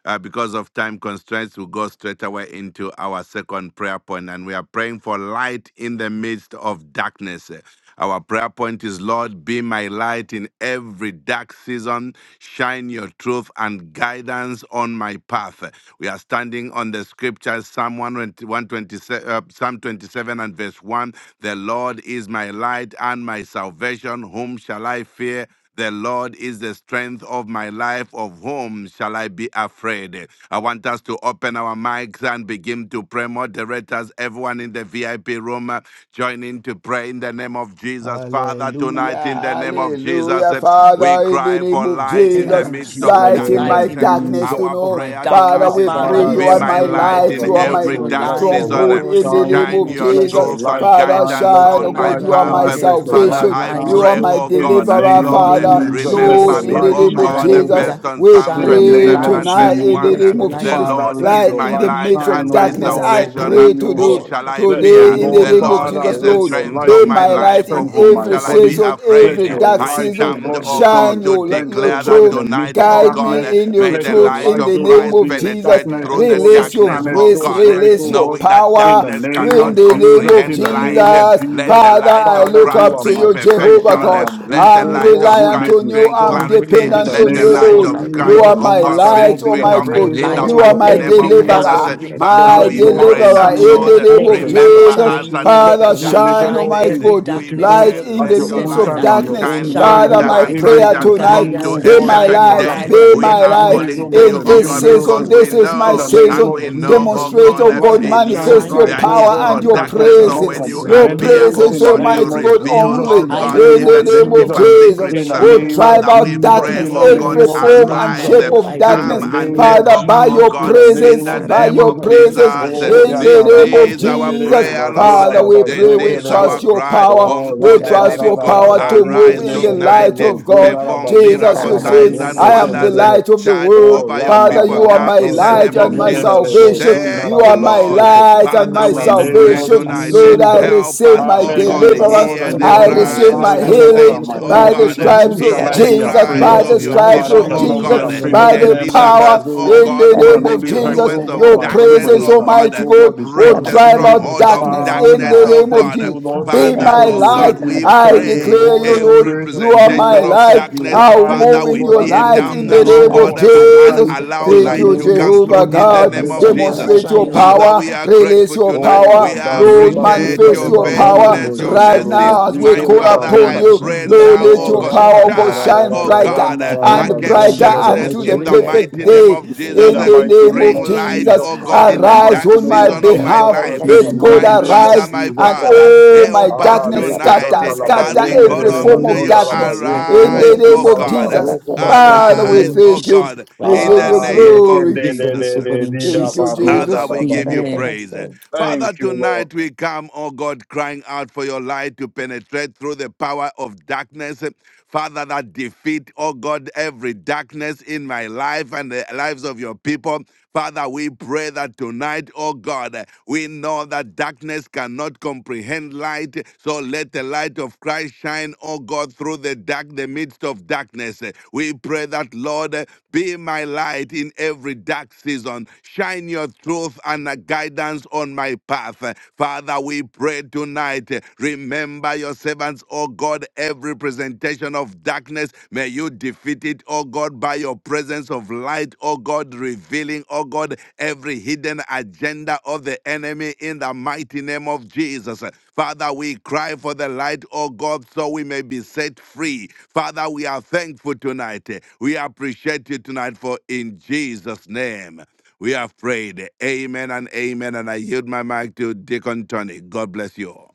Uh, because of time constraints, we'll go straight away into our second prayer point, and we are praying for light in the midst of darkness. Our prayer point is Lord, be my light in every dark season. Shine your truth and guidance on my path. We are standing on the scriptures, Psalm 127, uh, Psalm 27 and verse 1. The Lord is my light and my salvation. Whom shall I fear? The Lord is the strength of my life. Of whom shall I be afraid? I want us to open our mics and begin to pray. Moderators, everyone in the VIP room, uh, join in to pray in the name of Jesus. Father,
Hallelujah,
tonight
Thank
in the name of Jesus,
hallelujah,
uh, we
Father, in the
cry
name
for
of
light in the
name
Jesus,
of
midst
In
Jesus,
of
the
light
Christ,
in
name of
light
my
darkness.
in the
And
midst
darkness
Jesus.
to
our
of
know.
my
prayer
Father,
tonight
darkness,
Now,
we
is,
Father,
Father,
pray
Lord,
I
you
be
are
Lord,
thank
my
my
in
you,
the
O
name,
light
God,
light,
in
that
you are
Lord,
my
let
you
every
your
will
dark
let
light,
your
oh
light
stronghold
season.
God,
in
in the
the
shine.
name
name
Shine
of
of
your
Let
Jesus.
your
truth
Jesus,
light
and
Father,
shine.
guidance
Let
shine,
your
oh
on my
God,
light
Father,
you are
path.
my
Lord,
Uh,
shine.
let
Let your
Father,
your
light
salvation,
I
light,
you
oh
shine.
are
pray,
my
God,
oh
In the
God, that
deliverer,
in
name
the
Lord,
of
uh,
name of
Father,
Jesus, let
Lord,
your
remember
Jesus,
in
me,
the
Lord,
light
oh
be
name
my
of
shine,
light
God, uh,
O
every
Jesus.
day.
God.
based on
We
Psalm
In the
Shine your
pray
name
27
of
and
light in
tonight
verse
and
in the
1.
Jesus,
let
Uh,
your
name of
light
The
be
Jesus,
my
Father,
Lord
let
food
is
light
your
my
in the
light
light
midst
in
shine,
of
and
the
my
O
darkness.
name,
God,
I
over
salvation. Uh,
pray
me,
to
O
Whom
God.
do.
shall I
Let
in
the
the
fear?
Today, in the
name
Lord,
The
of
name of
Jesus.
Lord
Father,
is
Jesus,
the
let
Lord,
your
strength
light
of
be
my
my
become a
light
life.
in
Of
strength in
whom
my
every
shall I be
body.
season,
afraid?
every
Let
Uh,
your
dark
I
light,
season.
O
stand,
God,
oh
become a
Shine
God, to
your,
strength,
your
O
declare
God,
that
in
truth.
the midst
tonight,
of
oh
Guide
God,
darkness.
uh,
me in your
may the
Let your
truth.
light
In
light,
the
of
O
name
God,
Christ
be
of
in
Jesus,
penetrate
darkness,
through
O
the
God, that
release your
darkness,
shineth
oh
grace,
so
God
bright,
release
O
you.
your
God,
knowing that
in
power.
the
darkness
name of
In the
cannot
Lord,
name
Jesus,
of
comprehend
in the name
light.
of
Jesus,
Let
Jesus.
the
Father,
light
I
of
Father,
look
you
Christ
up
are
to
my
bring
you,
strength.
Jehovah
When
perfection.
I
God.
am weak,
Let the
I'm
O
light
God,
of
you
reliant
make
Christ
on
me
you.
bring
In
I'm
strong.
the name
clarity.
of
In
dependent
the
Let
on
the
name
you,
Jesus
of
light
Lord.
Christ, I
of
pray
You
Jesus,
Christ,
are
what it
oh
my
I
God,
means.
shall
bring
light,
not be
You are
Almighty
freedom
my
God.
afraid,
in
O
the
light
You
God,
are
over
of
mighty
my
even my
name
every
of
anything,
life,
O
dark
Jesus.
God,
even
deliverer,
season.
my
because
Father,
my
I
Let
we
your
know
light
that
pray
with
darkness,
deliverer
that,
you,
shine.
in the
Lord,
shine
Lord,
name
Let
all
of
your
your
things
light
are
truth.
remember
Jesus.
us
shine.
at
possible.
And
such
Let
a
Father,
your
You
light
time
make
shine,
it
as
shine.
all
Almighty
this.
things
Every
God,
We
darkness will
beautiful
Peter,
pray,
light
get
in
of
at
a
the
let
your
this,
your
son
midst
every
own
of
light
of
time
dark
the
and
so
season.
your
darkness.
shine
own
Shine
way.
children,
your
Father,
You
brighter
are
my
and
light and
able
prayer
bring
brighter
to
or
tonight,
bring,
a
unto
guidance.
O
son
a
be
of
God,
the
my
Shine your
perfect
Father,
light,
day.
light
fresh
be
and
children,
We
bring
my
are
light
testimonies,
guidance. Oh
calling
oh
to
God,
in
God,
you,
in
a
the
or
oh
a son of the children, or a
new
this
God,
name of Jesus.
season.
because
son of
miracle
the
we
This is
children,
my
in the
know
I
name
and
pray
season.
of
or
for
we
this
know,
in the
Jesus.
oh
Demonstrate,
God,
name
oh
Your
of
that
light
Jesus.
God,
will
in
a
shine
you
manifest
Shine
your
your
bright,
there
oh
power
is
light and
God,
no
and
and
your
bring the
darkness
darkness.
guidance.
So
cannot
Oh
presence.
when
God,
you
in the
son
Your
comprehend it.
appear,
name
oh
of
presence,
In the
God,
Jesus.
you
name
Almighty
of
God,
reveal,
Jesus,
only
oh
in the
I
God,
of
pray
name
in
for
the
of
even
we
the
so
name of
get
Jesus,
deeper
in
the
Jesus.
in
secrets.
Jesus'
the
uh.
name,
children,
Oh,
oh
name of
drive
God.
Father, we
out
In
Jesus,
the
pray,
in
darkness,
the
oh
Cara,
name of
God,
every
name of
Jesus
form
Christ,
and
my
Jesus,
arise,
shape
uh,
Lord,
of
I pray
in the
come
darkness,
in the
and
name
name of
take
of
Father,
over,
by
oh
Jesus,
your
in
God,
the
in
name
presence,
the
of
by
name
your
of
Jesus.
the name
presence,
of
Jesus.
Oh,
in
ya
Jesus.
the
da
This
da
name
ba
of
is
zende
our
re
Jesus.
ke
prayer, Lord.
Father, we
This
pray, we
is our
trust your
cry
power,
Oh, ra
we
unto
da
the
da
trust
da
living
your
da
God.
da
power
da.
to move
Yeke
Arise
ne
in the
do de de
tonight,
light
eh,
bo
of
zunda ra
God.
ba
perform
In
shuka
Jesus,
miracle
you
la
the
ba
said,
signs
name
and
of
I
reke te
am
Jesus.
the
ne
wonders.
do
eh,
de.
light of the
Charge
Oh,
world.
over your
Father,
randa
people
you
ra
people
are
ba
now
my
in
do
In
Sandra,
the
the
ze
light
name
te
and
of
my
ne
my
de
name
Jesus.
de
of
de bo
Jesus,
salvation.
zunda
You
ra
Thank you,
are
ra ba
my
we pray.
Lord.
zeke.
light and
Oh
Father,
my
In the
God,
we
in the
name
pray
of
salvation.
name of
tonight.
Jesus,
eh,
Lord, I
Jesus,
let your
Help
receive
us,
light
I
my
oh
shine,
thank
oh
you,
God,
God.
deliverance.
Lord,
hear
that
In
the
you
the
are
I
my
name of
receive
cries
Jesus,
my
of
light,
Christ,
your
O
I
God,
healing
call
and
saints,
my
upon
oh
you
by the
get
God.
in
salvation.
stripes
Whom
Jesus'
shall
Hear
of
I
the
name.
be
Jesus,
afraid
cries
by
Let
of?
the
of
your
your
light
stripes
Father, I
people,
of
shine,
shall
oh
oh
not
God,
be
in
God.
Jesus,
the
afraid
by
of
name
the
of
men,
Deliver
Jesus,
power
mortals,
us,
O
oh
Lord,
Father,
in the
Lord.
God,
who
from
name
can
the
of
only hurt,
Jesus.
influence
O
the
God,
of
Your
my body,
correction,
but
darkness,
presence,
they
oh
cannot,
Almighty
God.
O God,
God,
We
will
destroy
Break
Thank
will
my
the
give
drive
you
spirit.
for
out
stronghold
this in
of
the
darkness
Father,
in
name
darkness,
of
the
I
oh
name of
God.
thank
Jesus.
you, Lord
Be
Father,
Hallelujah.
my
because
I
oh
you will
light.
pray.
God,
make me
we
I
Make
strong,
your
pray
O
declare
light
God,
you,
in
Lord,
shine
every
spirit.
forth
you are
in
You will
my
presentation of
light.
also
darkness,
I'll
purify me,
move
Father,
O
in
we
your
God, and
the
tear
make
light
me
name
in
down,
of
the
strong,
oh
O
name
Jesus.
of
God,
God,
I pray
and
Jesus.
physically,
God,
allow
in the
Thank
light
in
you,
to
name of
come
Jesus' name,
Jehovah
through
oh
in the
God,
Jesus,
name
God.
in
let
the
of
your light
name
Jesus.
of
Demonstrate your
shine over.
Father,
Jesus.
we
power,
are
release
grateful
your
tonight.
Oh,
We
power,
And
Lord.
bring,
Madareba
oh
appreciate
Zeka
God,
Manifest
your
in
your
the
Lebarando
name
power
of
faithfulness, your
Jesus
right
Christ.
mercy
Bozuntorobo
body.
now as we
Zinte
My
call
Father,
upon
I
Lebarenda.
In the
you,
name
pray
of
Lord.
Jesus,
now,
Let
oh
Oh,
your
God,
power go
Rakata
charge,
shine
oh
brighter
Rarabayana
God,
the
uh,
and
name of
against
Rarabazonde
brighter
Jesus,
darkness
I
unto
Lebozu.
the
in
pray
the
that
perfect
even
mighty name
day
of
for this,
In
Jesus.
in
the
Uh,
the
mighty
name
name
Bring
of
of
light,
Jesus.
Jesus
oh
Jesus.
Christ,
God, in
in the
the
mighty
Arise
dark
on
name
my
of
season of my
Jesus
behalf,
life.
Christ,
Uh,
In
in
the
the
let
mighty
God
My
name of
name of
Father,
Jesus.
arise
my
Jesus
and
Christ.
Father,
oh, my
help us
Ah,
darkness
leki
tonight
scatter,
uh,
zaka la ba
as
scatter
we
In
yende
call
re
every
the
re ba
form
you.
unto
name
of
of
you.
zonda la
darkness
ba
Jesus, I
zeke re
in
ba
pray.
the
Arise,
name
oh
shunta
of
la
Oh
Korobasi
ba
God. Uh,
Jesus.
God,
darara
roko ba
Lord, in
koroshin.
the
chete
Father,
re
we
ba
Arise,
name of
sa.
oh
thank you.
Jesus
God,
We
Christ.
in
we
give
the
you
Ah,
Korobasin.
name
leke
of
glory.
de
Pray for
de
this, oh
de
Jesus.
God,
de
in
di da
Thank you,
ba
Jesus' name.
roda
Father,
Jesus.
da
we
ba
give
Sondara
you
se.
Amen.
praise.
koroshin.
Father,
Thank you, Lord.
tonight we come, oh God, crying out for your light to penetrate through the power of darkness. Father, that defeat, oh God, every darkness in my life and the lives of your people. Father, we pray that tonight, oh God, we know that darkness cannot comprehend light. So let the light of Christ shine, oh God, through the dark, the midst of darkness. We pray that, Lord, be my light in every dark season. Shine your truth and uh, guidance on my path. Father, we pray tonight. Remember your servants, O God, every presentation of darkness. May you defeat it, O God, by your presence of light, O God, revealing, O God, every hidden agenda of the enemy in the mighty name of Jesus. Father, we cry for the light, O God, so we may be set free. Father, we are thankful tonight. We appreciate you tonight for in Jesus' name. We have prayed. Amen and amen. And I yield my mic to Deacon Tony. God bless you. all.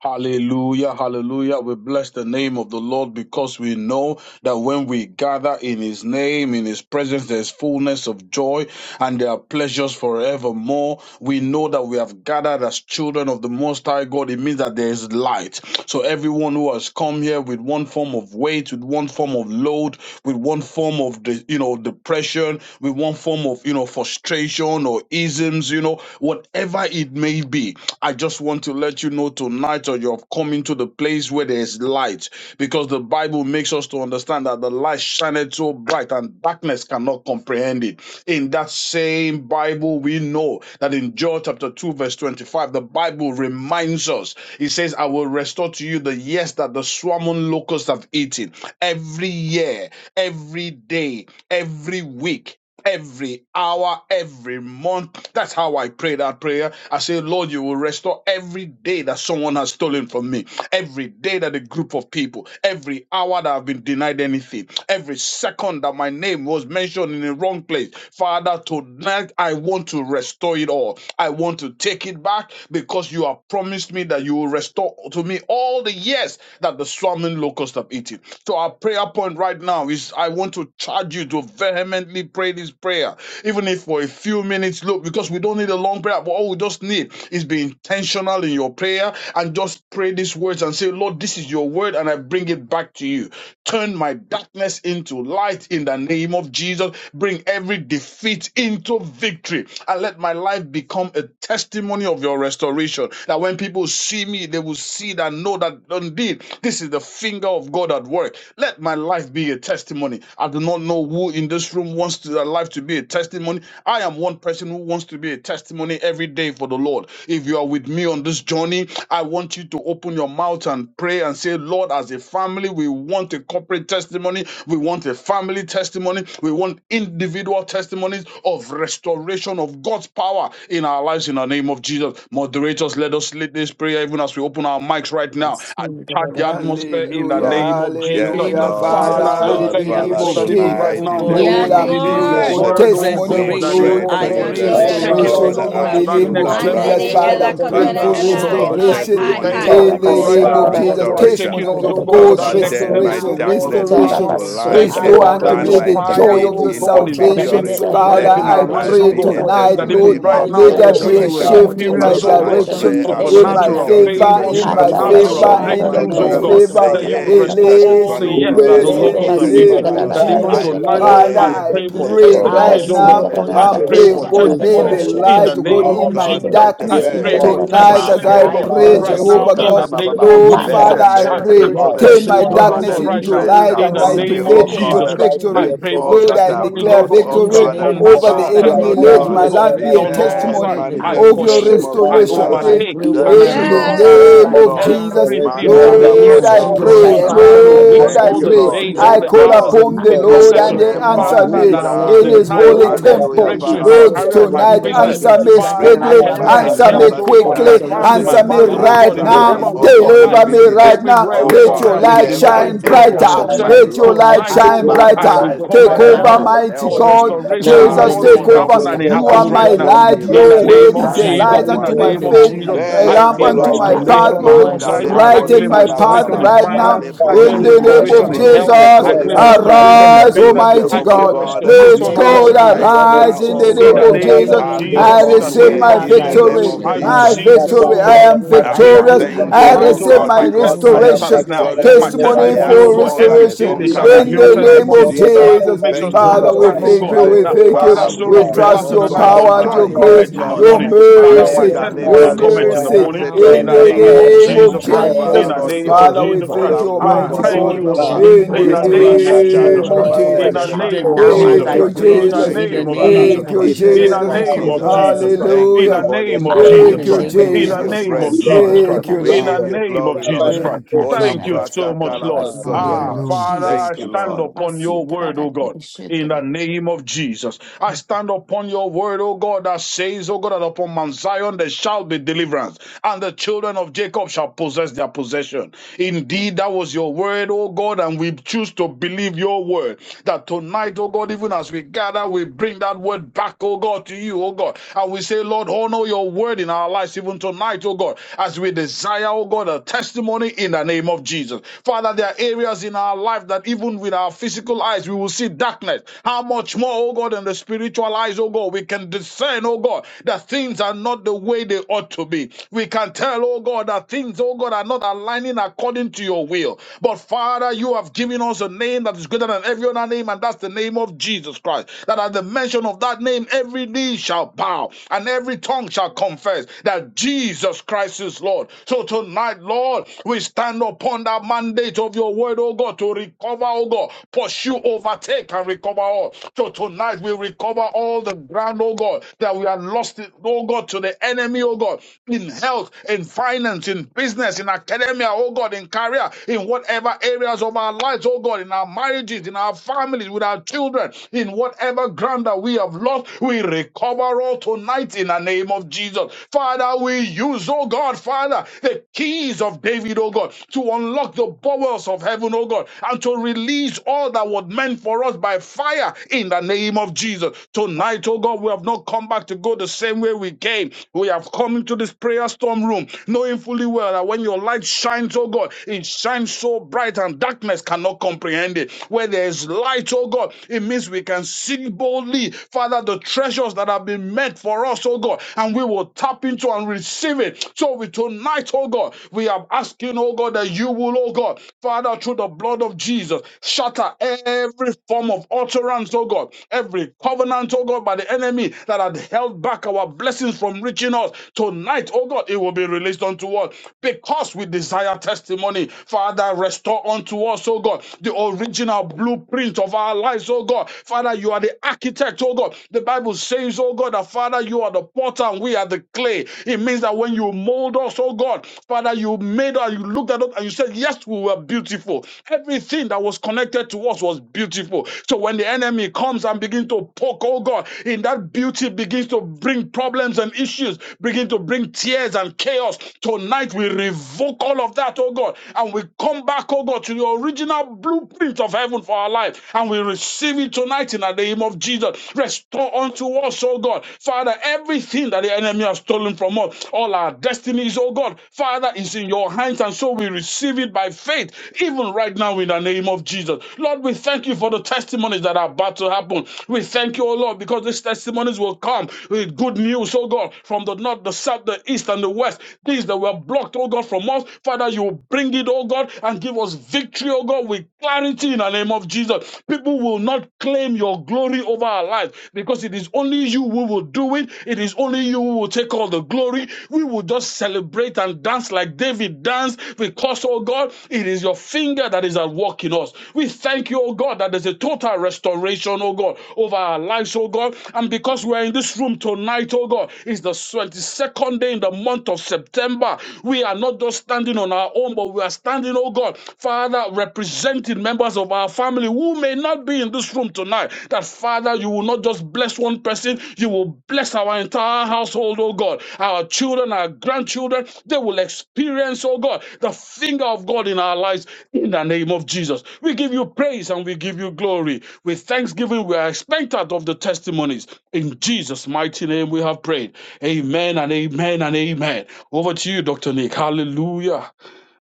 Hallelujah, hallelujah. We bless the name of the Lord because we know that when we gather in His name, in His presence, there's fullness of joy and there are pleasures forevermore. We know that we have gathered as children of the Most High God. It means that there is light. So everyone who has come here with one form of weight, with one one form of load, with one form of the you know depression, with one form of you know frustration or isms, you know, whatever it may be. I just want to let you know tonight or you're coming to the place where there's light because the Bible makes us to understand that the light shineth so bright and darkness cannot comprehend it. In that same Bible, we know that in John chapter 2, verse 25, the Bible reminds us, it says, I will restore to you the years that the swarming locusts have eaten. Every year, every day, every week, every hour, every month. That's how I pray that prayer. I say, Lord, you will restore every day that someone has stolen from me, every day that a group of people, every hour that I've been denied anything, every second that my name was mentioned in the wrong place. Father, tonight I want to restore it all. I want to take it back because you have promised me that you will restore to me all the years that the swarming locusts have eaten. So our prayer point right now is I want to charge you to to vehemently pray this prayer, even if for a few minutes, look, because we don't need a long prayer, but all we just need is be intentional in your prayer and just pray these words and say, Lord, this is your word, and I bring it back to you. Turn my darkness into light in the name of Jesus. Bring every defeat into victory and let my life become a testimony of your restoration. That when people see me, they will see that know that indeed this is the finger of God at work. Let my life be a testimony testimony. I do not know who in this room wants to, their life to be a testimony. I am one person who wants to be a testimony every day for the Lord. If you are with me on this journey, I want you to open your mouth and pray and say, Lord, as a family, we want a corporate testimony. We want a family testimony. We want individual testimonies of restoration of God's power in our lives in the name of Jesus. Moderators, let us lead this prayer even as we open our mics right now and
Sin
charge
darara
the atmosphere
koroshin.
in the
Hallelujah,
Lord.
name of
Yes,
Jesus.
name
hallelujah,
of
Lord.
Jesus,
Korobashi
Yes,
Father,
Father,
we
Father,
in
Lord.
darara
the
we
thank
are
you,
name
Father,
Lord,
of
that
praying.
even right
Jesus,
tonight,
Oh
koroshin.
now,
in the
God,
Lord,
in the
Lord,
name
Yes,
I'm
of
it
name of
is
Mantara
praying
your
Jesus,
Lord.
for
eh,
word,
God's
oh
shandara
testimony
we
of
God, that
koroshin.
is,
restoration,
pray
glory,
oh
to
I
Darara
you,
God,
the
pray
Yando
for
da
Our
da
living
kiroshin.
taking
God's
Father, we
us,
God,
restoration
Darara
oh
call
in
God,
basoka.
to
the
at
that
upon
you
name
restoration.
you
of
la
next
right
level,
now
Let
bakara
in
Jesus,
oh
Mandere
rise.
there
the
be
Father,
shin.
name
God, of
I'm
of
Darara
praying
elakotera
breakthrough,
for
Father,
Jesus
restoration
and
oh
oh
in
Christ,
koroshin.
the
the
God.
I,
Darara
Son
God,
of
name
I,
the
of
restoration
We
I,
living
testimony
thank you
Jesus.
I.
God.
that
in
of
ikara
even
the
Let
God's
right
name
there
basan
eh,
now,
of
be
oh
darara
God,
Father,
Jesus,
you are
right
restoration
restoration.
koroshin.
taking
now
for
testimonies
us,
we
oh
Darara
of
me,
God,
pray
for
to
God's
my
that
Father,
koroshin.
next
family
turn
in
Darara
my
level,
the
oh
restoration,
now,
name of
God,
in
of
darkness
the
ikara
power.
name
restoration,
into
Jesus.
of
basun
Jesus.
We
Thank
light
you,
eh,
As
restore
darara
I
call
Lord,
unto
that
pray,
and
oh
your
me
my
upon
the
koroshin.
God,
you.
in
fire,
Darara
the
joy of
defeat
oh
We
name
your
of Jesus,
God,
into
call
is
upon
ikara
salvation,
beaming
you,
victory.
the
let
so
basan
there be
bright
Father,
Let
darara
in
excellent
my
I
our
God,
lives,
life
restoration,
oh
pray
be
oh
koroshin.
the
a
God,
God, in
tonight,
the
that
Almighty
testimony
name
Lord,
even
of
right
God,
of
Jesus
now,
your
let
oh
Christ.
there
Matebe
God,
be
right
we
a
will
restoration.
Shendra,
now
shift
Testimony
in
of
in
Kebe
my
the
experience,
Father,
oh
name
I
of
God,
Shendra, the
restoration.
direction
pray
Koro
situation
Jesus
in
Christ,
according
the
Everything
my
to
that
Shendra,
Son
has
supernatural
of
John
been
the
favor,
favor,
taken
living
has
in
been
God.
my
2:25, so
Makara
stolen,
I
Yes,
supernatural
will
favor,
oh
Shendra,
Father,
in the
my
the
restore
in
breakthroughs,
the
to
Lord
man's
oh
Koro
you
and my
God
place of
the
God,
that
Basindra,
favor.
you
prayer,
would
the
we
even
years
Kara
restore
this
that the
pray
all
Shendra,
Release
the
your
swarming
in
years
the
that the
locusts
grace
name
let
has
Koro
of
in
there
locusts
the
be
have
eaten,
Jesus,
name
eaten.
Father
Basindra,
of
Lord,
the
That
restoration
by
Kara
even
in
the
Jesus.
the
I
tonight,
blood of
Shendra,
Lord,
Father,
name
I
pray,
of
I
Jesus,
pray
Jesus.
for
the
let
with
the
pray
the
Koro
I
right
help
testimonies,
of
oh
call
mercy,
the
God.
now.
Basindra,
let
upon
Holy
the
the
you,
I
i pray,
Kara
Spirit.
pray for
mercy,
Jehovah, in
Shendra,
let
We
God,
the
the
the
be
Koro
testimonies
the
call
name of
mercy.
Jesus.
in
upon
that
the
Shendra,
light,
You
oh
you,
will
God,
name
Oh
do
our
in
of
this,
my
oh
God,
God.
God.
Jesus.
Koro
let the
I
darkness
Hear
In the
pray
our
Basindra,
mercy.
for
the
name
Kara
of
prayer.
tonight
Jesus,
as
testimonies,
that
Shendra,
I
The
oh
ro
Makele
I
God,
pray,
pray,
oh
Koro
Father,
God,
right
broses
even
now
Jehovah
for
of
Basindra,
in
kokana
the
this,
God,
oh
God.
God,
name
bababa.
in
turn
the
of
my
Lord,
name
Let
of
Jesus.
Father,
the
Makara
Jesus.
darkness
I
I
Shendra,
mercy
pray
into
the
pray,
of
Let
for
light,
the
Koro
there
turn
be, oh
living
my
Shendra,
my
testimonies,
God,
oh
God
darkness
God,
defeat
right
the
into
restoration,
into
now
rest
oh
Kara
light
in
and
the
victory.
my
upon
God,
me,
in
name of
Shendra,
oh
defeat
Let
the
Jesus'
God.
my
Jesus
Shiva
into
Christ.
life
name.
I
be
Let
victory.
a
Shendra,
pray for
all
Lord,
that
I
testimony
I've
testimonies,
of
declare
oh
Makara
lost,
your
God,
oh
In the
victory
Shendra, the
God,
name
Kara
of
restoration
over the
Jesus,
supernatural
that
Father,
Shendra,
right
the
enemy.
let
Lord
there
Koro
testimonies,
Let
now,
be
God,
oh
my
oh
God,
God,
life
be
I
be
Basindra,
a
restoration
on
for me,
pray.
oh
all
made
God,
sides.
in
testimony
the
Mark
I
name
manifest
of
in
of
the
your
Jesus.
Let
name
pursue,
of
my
I
restoration.
life
Father,
Jesus.
I
This
overtake
pray, O
be a
God,
and I
Thank
even
you,
in
for
the
Lord.
this,
recover
oh
Yes.
testimony
God,
Thank
name
all,
you,
right
of
of
Lord.
Jesus,
now,
everything,
restoration,
in
of
the
all the
Mandala
God.
name
Lord,
years,
of
I
brosko
all
Right
the
Jesus
kori
now,
Christ.
pray.
months,
let
Father,
all
bababa.
the
my
Lord, do
Lord,
weeks,
life
I
Thank
all
this,
be
you,
a
oh
the
pray.
God, in
Lord.
days,
the
all
I
testimony
Thank
the
name
you,
of
call
of
your
hours,
Jesus.
the
Lord.
upon the
minutes, and
I
In
Lord
the
restoration.
call
and
seconds.
he
name
upon you,
of
answered
Father,
Father,
me
that
Jehovah.
I
quicken
Let
was
in
Jesus.
there
your
his
be, oh
denied,
step,
holy
God,
oh
oh
in
God.
God,
Hallelujah,
temple.
breakthrough
restoration,
in
Father,
O
my
Quicken
Lord,
Lord,
God,
we
the
career, in my
pray
in
tonight
process,
the
oh
business,
tonight.
name
answer
of
God.
Jesus
me
Christ,
And
that
Father, in
I
speedily,
will have a
Remember
Father,
academia, in
us
right
answer
at
now,
me
health,
testimony
such
oh
a
of
God, in
Father,
quickly,
my
time as
turn
family, in
restoration,
my
this.
my
answer me
whatever
marriage,
was
oh
darkness
right
God,
taken
in
Answer
away
into
me,
now,
whatever
from
light
me,
oh
oh
walk
God,
of
God,
in the
life.
deliver me
name of
immediately
Jesus
speedily,
right
Christ.
by
Everywhere,
now.
oh
You
oh
your
Let
God,
cause
where
your
God,
me
I've
to
been
exceeding
light
recover
every
denied
it,
shine
greatness
oh
of
God,
your
breakthrough
in
area
or
the
of
brighter,
power
name
success,
power,
my
of
let
Jesus
your
Christ.
by
loss.
light
tonight,
your
I
oh
shine
pray
God,
word,
for
oh
Father,
I
this, oh
God.
I
brighter.
God,
recover
Take
pray
even
them
that
Father,
over,
now.
Makara Mark
all.
I
you
mighty
help
For
pray
God. Lord.
me.
that,
Ashandra
Now,
restoration,
oh
in
oh
Ah,
Lord
the
Jesus,
Kora
God,
God
you
take
name
must
of
Almighty,
help
happen
over.
Jesus
let
me
and
Christ,
it
your
You
light
are
and
happens
oh
my
you
right
God,
shine
that
do
now.
out
you will
of
light.
do
In
it,
the
Your
oh
miraculous
God,
obscurity.
word
name of
is
as
a
I
signs
I
Jesus,
and
pray,
light
in
Shindra
the
unto
God,
pray,
my
in
wonders.
name
the
Kara
of
faith,
Father,
name
Jesus,
of
a
Shindra
Jesus
I
let
Thank
lamp
Christ,
you,
your
claim
unto
light
my
my
Lord.
Mark
shine
restoration
path,
out
Lord and
on
Lord.
of
my
all
God,
sides.
Mandale
I
I
obscurity.
kore
pray
Brighten
claim
for
my
My
baba
this
baba
right
path
restoration
now
baba.
Father,
in
in
right
I
Jesus'
am
finance.
now.
Ale
name.
I
crying
In
claim
broze
Oh
unto
the
you,
name
Lord,
kale
of
my
restoration
God.
in
God,
broze
health.
I
Let
ke
pray,
Jesus,
I
oh
your
kore
claim
God,
light
baba.
in
shine out
restoration in
of
arise,
Thank
Jesus'
you,
business.
name for
Almighty
I
this,
obscurity,
Jehovah
oh
claim
O
God.
God.
God.
God.
Let
restoration,
Let
oh
there
God
God
be
Arise
arise
now,
in
restoration,
O
the
oh
in
name
God,
the
God.
in
of
the
name
Jesus.
of
Have
name
your
of
I
Jesus,
Jesus.
in the
own
Mm.
receive
name
way
my
of
As
in the
I
Jesus,
name
pray,
victory.
oh
of
I
God, in
My
Jesus.
receive,
Jesus'
victory.
oh
I
name,
God,
oh
Maracatoro,
am
my
God,
Ah,
I call
victorious.
breakthrough
maracatita,
even
thank
upon
I
you,
tonight,
oh
torma.
oh
receive
Ashandra
Jehovah
God.
God,
my
My
Kora
Ica
because
in the
I
testimony
am
name of
starts
Masindra
restoration
Jesus.
maracata,
now.
Christ. Let me
My
victorious.
catoro,
receive,
Utara
I
testimony
him,
testimony, oh
am
for
God,
God,
right
more
Masindra
than
maracaterma.
every
now,
a
day
restoration
Kara
there
in
shall
the
Shindra
be
conqueror
Ica
in
new
in
the
name of
name
Christ
testimony.
of
maracatoro,
Jesus.
The
Kora
Jesus.
Bible
Jesus.
makes us
In
Thank
to
Makara
you,
Father, we
Jesus'
maracasandarma.
understand,
Matara
Holy
name,
oh
thank
oh
you,
God,
I
Spirit.
Shandra
we
God,
that
pray,
thank
Korva
Abba
Father
Father,
I
you.
we
pray,
We
oh
sorrows may
God,
pray,
Father,
trust
last
oh
in
even
the
your
for
night,
God,
this, oh
but
power and
God,
righteous
ah,
joy
in
your
the
God,
grace,
yes,
name
cometh
of
in the
Lord.
Jesus
your
morning.
Christ,
merciful
Father,
let
Male
God,
my
mercy,
there be
kale
testimony
your
kale
powerful
restoration
cometh in
for
the
God,
me
mercy
korima
morning
now
seto
in the
in
in
the
riba
glorious
the
name
baba.
of
name
God,
of
Jesus
name
Christ.
I
of
Jesus
Thank you,
I
Christ.
call
call
In
Father,
Jesus.
the
upon
upon
Lord
you,
you,
name
the
of
God.
Father,
King
we
of
Jesus
Jehovah.
Christ.
thank you,
Kings,
Olambro
Do
Ah,
Almighty
that
this,
koko
oh
thank
my
you,
God,
God,
baba.
Lord.
God,
bring
in
my
In
the
you
the
are more
Olembra
name
restoration
of
than
kata
name
for
Jesus
of
me,
Christ
baba
for
ever
my
in
Jesus.
sete
the
children
name of
able
now
Oh,
to
as
Jesus
Thank
I
do
you,
thank
Christ.
you,
pray
In
Lord.
the
Jesus.
exceeding
Thank
in the
you,
name
and
of
Father,
Jesus
name
Thank
of
you,
Christ.
abundantly
in the
In
Jesus
the
name
Jesus.
of
Christ,
above
oh
name
all
of
Jesus.
God,
that I'm
Jesus Christ.
asking,
Thank
In
you,
the
Hallelujah.
above
Holy
all
name of
that I'm
Spirit.
in
Jesus
Thank
the
you,
Christ.
thinking
name
We
of
of
In
God.
give
the
you
Jesus
Jesus.
name of
praise,
You
Christ,
are
Lord.
Jesus
more
Father,
Thank
Christ.
than
you,
Lord,
We
In the
give
Lord.
you
able,
name of
glory, Lord.
Jesus
covenant
Christ.
Thank you,
keeping
Thank you
Olambra
Jesus.
God.
so much, Lord.
in the
Father,
name
Ah,
kakalabraskotorba.
of
Hallelujah.
Father,
Jesus
I
Thank
Sidra,
you,
Christ.
stand
Lord.
Korva
upon your
Sidra
word, O God,
Rakiri
in the
Shidri,
name of Jesus. I stand upon your word, O God, that says, O God, that upon Mount Zion there shall be deliverance, and the children of Jacob shall possess their possession. Indeed, that was your word, O God, and we choose to believe your word. That tonight, O God, even as we gather, we bring that word back, O God, to you, O God. And we say, Lord, honor your word in our lives even tonight, O God, as we desire fire, oh God, a testimony in the name of Jesus. Father, there are areas in our life that even with our physical eyes, we will see darkness. How much more, oh God, in the spiritual eyes, oh God, we can discern, oh God, that things are not the way they ought to be. We can tell, oh God, that things, oh God, are not aligning according to your will. But Father, you have given us a name that is greater than every other name, and that's the name of Jesus Christ. That at the mention of that name, every knee shall bow and every tongue shall confess that Jesus. Jesus Christ is Lord. So tonight, Lord, we stand upon that mandate of your word, oh God, to recover, oh God, pursue, overtake, and recover all. So tonight, we recover all the ground, oh God, that we have lost it, oh God, to the enemy, oh God, in health, in finance, in business, in academia, oh God, in career, in whatever areas of our lives, oh God, in our marriages, in our families, with our children, in whatever ground that we have lost, we recover all tonight in an name of Jesus. Father, we use, oh God, Father, the keys of David, oh God, to unlock the bowels of heaven, oh God, and to release all that was meant for us by fire in the name of Jesus. Tonight, oh God, we have not come back to go the same way we came. We have come into this prayer storm room, knowing fully well that when your light shines, oh God, it shines so bright and darkness cannot comprehend it. Where there is light, oh God, it means we can see boldly, Father, the treasures treasures that have been meant for us, oh God, and we will tap into and receive it. So we tonight, oh God, we are asking, oh God, that you will, oh God, Father, through the blood of Jesus, shatter every form of utterance, oh God, every covenant, oh God, by the enemy that had held back our blessings from reaching us. Tonight, oh God, it will be released unto us because we desire testimony. Father, restore unto us, oh God, the original blueprint of our lives, oh God. Father, you are the architect, oh God. The Bible says, oh God, that Father, you are the potter and we are the clay. It means that when you mold us, oh God, Father, you made us, you looked at us and you said, yes, we were beautiful. Everything that was connected to us was beautiful. So when the enemy comes and begins to poke, oh God, in that beauty begins to bring problems and issues, begin to bring tears and chaos. Tonight we revoke all of that, oh God, and we come back, oh God, to the original blueprint of heaven for our life. And we we receive it tonight in the name of Jesus. Restore unto us, oh God. Father, everything that the enemy has stolen from us, all our destinies, oh God, Father, is in your hands, and so we receive it by faith, even right now in the name of Jesus. Lord, we thank you for the testimonies that are about to happen. We thank you, oh Lord, because these testimonies will come with good news, oh God, from the north, the south, the east, and the west. Things that were blocked, oh God, from us, Father, you will bring it, oh God, and give us victory, oh God. We climb clarity in the name of Jesus. People will not claim your glory over our lives because it is only you who will do it. It is only you who will take all the glory. We will just celebrate and dance like David danced because, oh God, it is your finger that is at work in us. We thank you, oh God, that there's a total restoration, oh God, over our lives, oh God. And because we're in this room tonight, oh God, it's the 22nd day in the month of September. We are not just standing on our own, but we are standing, oh God, Father, representing members of our family who may not be in this room tonight, that Father, you will not just bless one person, you will bless our entire household, oh God. Our children, our grandchildren, they will experience, oh God, the finger of God in our lives in the name of Jesus. We give you praise and we give you glory. With thanksgiving, we are expectant of the testimonies. In Jesus' mighty name, we have prayed. Amen and amen and amen. Over to you, Dr. Nick. Hallelujah.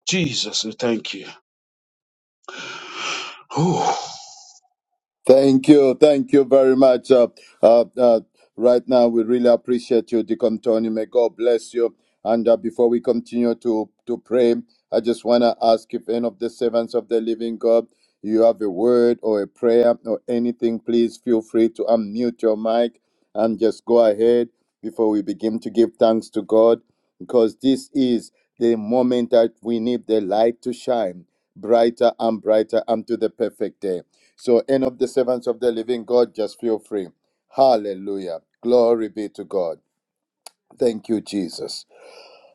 Jesus, we thank you. Whew.
Thank you. Thank you very much. Uh, uh, uh, right now, we really appreciate you, Deacon Tony. May God bless you. And uh, before we continue to, to pray, I just want to ask if any of the servants of the living God, you have a word or a prayer or anything, please feel free to unmute your mic and just go ahead before we begin to give thanks to God because this is the moment that we need the light to shine brighter and brighter unto the perfect day. So, any of the servants of the living God, just feel free. Hallelujah. Glory be to God. Thank you, Jesus.